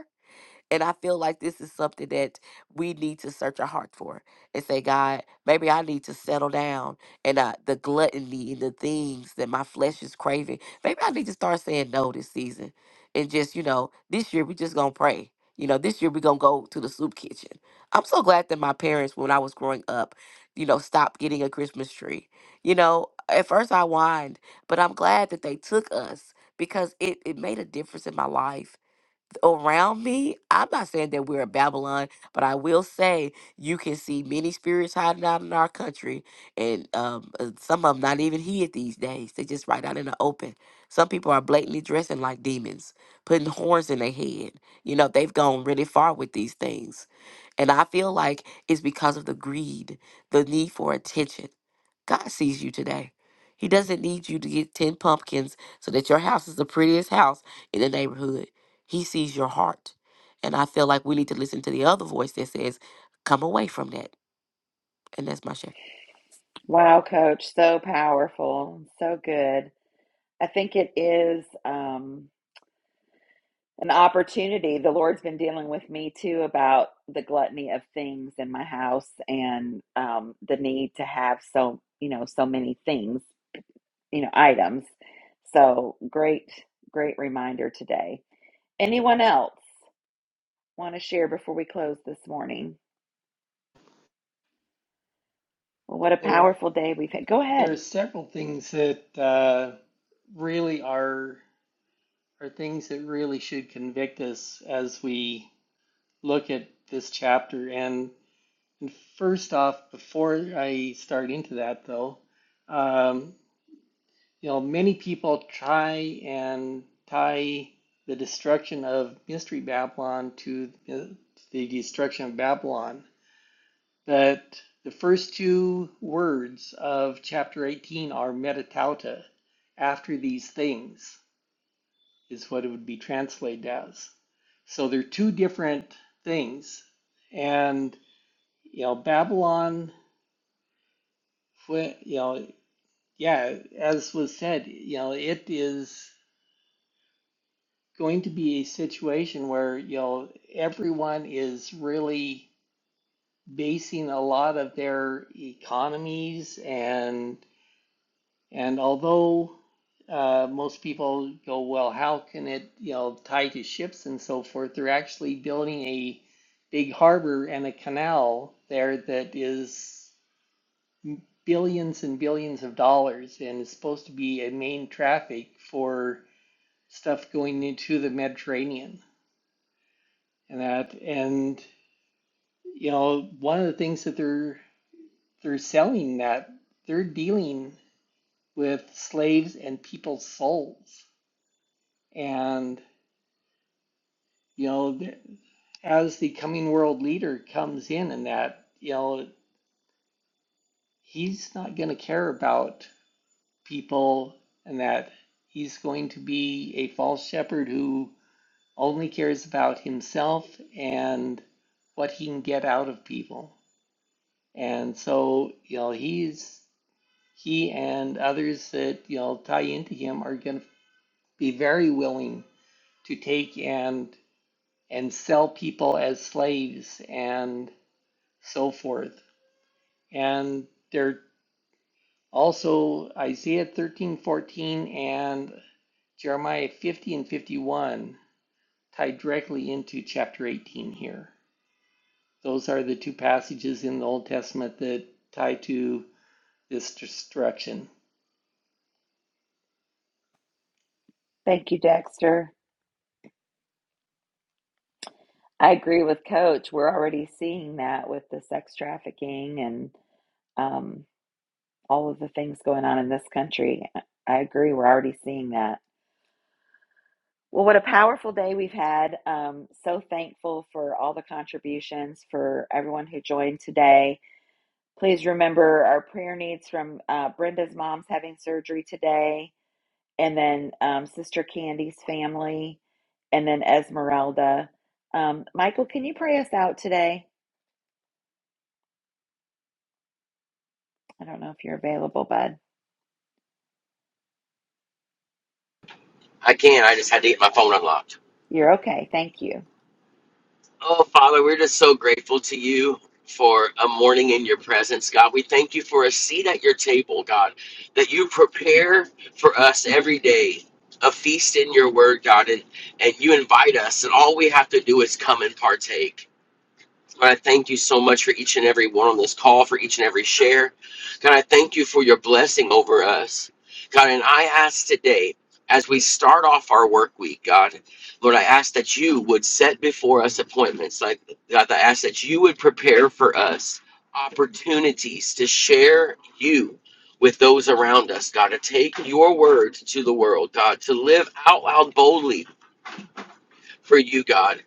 [SPEAKER 3] And I feel like this is something that we need to search our heart for and say, God, maybe I need to settle down. And uh, the gluttony and the things that my flesh is craving, maybe I need to start saying no this season. And just, you know, this year we just going to pray. You know, this year we going to go to the soup kitchen. I'm so glad that my parents, when I was growing up, you know, stopped getting a Christmas tree. You know, at first I whined, but I'm glad that they took us because it, it made a difference in my life around me. I'm not saying that we're a Babylon, but I will say you can see many spirits hiding out in our country, and um, uh, some of them not even hid these days. They just right out in the open. Some people are blatantly dressing like demons, putting horns in their head. You know, they've gone really far with these things. And I feel like it's because of the greed, the need for attention. God sees you today. He doesn't need you to get 10 pumpkins so that your house is the prettiest house in the neighborhood. He sees your heart. And I feel like we need to listen to the other voice that says, come away from that. And that's my share.
[SPEAKER 1] Wow, coach, so powerful, so good. I think it is um, an opportunity. The Lord's been dealing with me too about the gluttony of things in my house and um, the need to have so, you know, so many things, you know, items. So great, great reminder today. Anyone else want to share before we close this morning? Well, what a
[SPEAKER 4] There,
[SPEAKER 1] powerful day we've had. Go
[SPEAKER 4] there are
[SPEAKER 1] ahead.
[SPEAKER 4] several things that uh, really are are things that really should convict us as we look at this chapter. And, and first off, before I start into that, though, um, You know, many people try and tie the destruction of Mystery Babylon to uh, the destruction of Babylon, but the first two words of chapter 18 are metatauta, after these things is what it would be translated as. So they're two different things. And, you know, Babylon, you know, yeah, as was said, you know, it is. going to be a situation where you know everyone is really basing a lot of their economies and and although uh, most people go well how can it you know tie to ships and so forth they're actually building a big harbor and a canal there that is billions and billions of dollars and is supposed to be a main traffic for stuff going into the Mediterranean and that and you know, one of the things that they're they're selling that they're dealing with slaves and people's souls. And you know, th- as the coming world leader comes in and that, you know, he's not going to care about people and that he's going to be a false shepherd who only cares about himself and what he can get out of people. And so, you know, he's he and others that you know tie into him are going to be very willing to take and and sell people as slaves and so forth and they're also isaiah thirteen fourteen and jeremiah 50 and 51 tied directly into chapter 18 here those are the two passages in the old testament that tie to this destruction
[SPEAKER 1] Thank you, Dexter. I agree with Coach. We're already seeing that with the sex trafficking and um, all of the things going on in this country. I agree. We're already seeing that. Well, what a powerful day we've had. Um, so thankful for all the contributions, for everyone who joined today. Please remember our prayer needs from uh, Brenda's mom's having surgery today. and then um, Sister Candy's family, and then Esmeralda. Um, Michael, can you pray us out today? I don't know if you're available, bud.
[SPEAKER 6] I can. I just had to get my phone unlocked.
[SPEAKER 1] You're okay. Thank you.
[SPEAKER 6] Oh, Father, we're just so grateful to you for a morning in your presence, God. We thank you for a seat at your table, God, that you prepare for us every day. A feast in your word, God, and, and you invite us, and all we have to do is come and partake. God, I thank you so much for each and every one on this call, for each and every share. God, I thank you for your blessing over us. God, and I ask today, as we start off our work week, God, Lord, I ask that you would set before us appointments. Like God, I ask that you would prepare for us opportunities to share you with those around us, God, to take your word to the world, God, to live out loud boldly for you, God.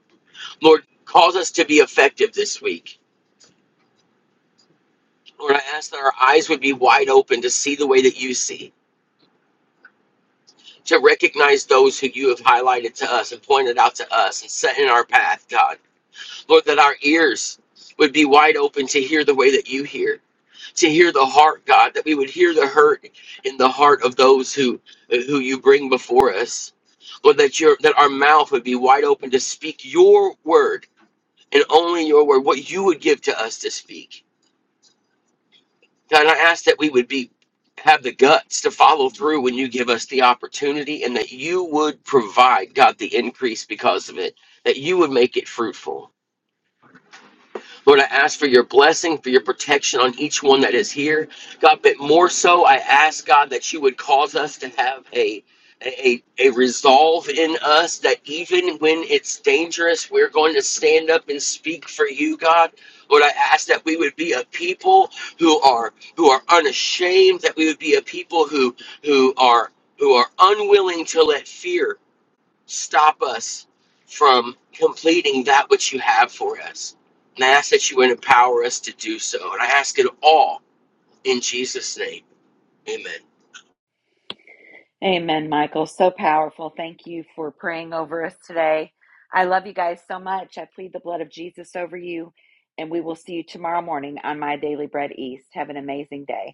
[SPEAKER 6] Lord, cause us to be effective this week. Lord, I ask that our eyes would be wide open to see the way that you see, to recognize those who you have highlighted to us and pointed out to us and set in our path, God. Lord, that our ears would be wide open to hear the way that you hear, to hear the heart, God, that we would hear the hurt in the heart of those who who you bring before us. Lord, that your that our mouth would be wide open to speak your word and only your word, what you would give to us to speak. God, I ask that we would be have the guts to follow through when you give us the opportunity and that you would provide, God, the increase because of it, that you would make it fruitful. Lord, I ask for your blessing, for your protection on each one that is here. God, but more so, I ask, God, that you would cause us to have a a, a resolve in us that even when it's dangerous, we're going to stand up and speak for you, God. Lord, I ask that we would be a people who are who are unashamed, that we would be a people who who are who are unwilling to let fear stop us from completing that which you have for us. And I ask that you would empower us to do so. And I ask it all in Jesus' name. Amen.
[SPEAKER 1] Amen, Michael. So powerful. Thank you for praying over us today. I love you guys so much. I plead the blood of Jesus over you, and we will see you tomorrow morning on My Daily Bread East. Have an amazing day.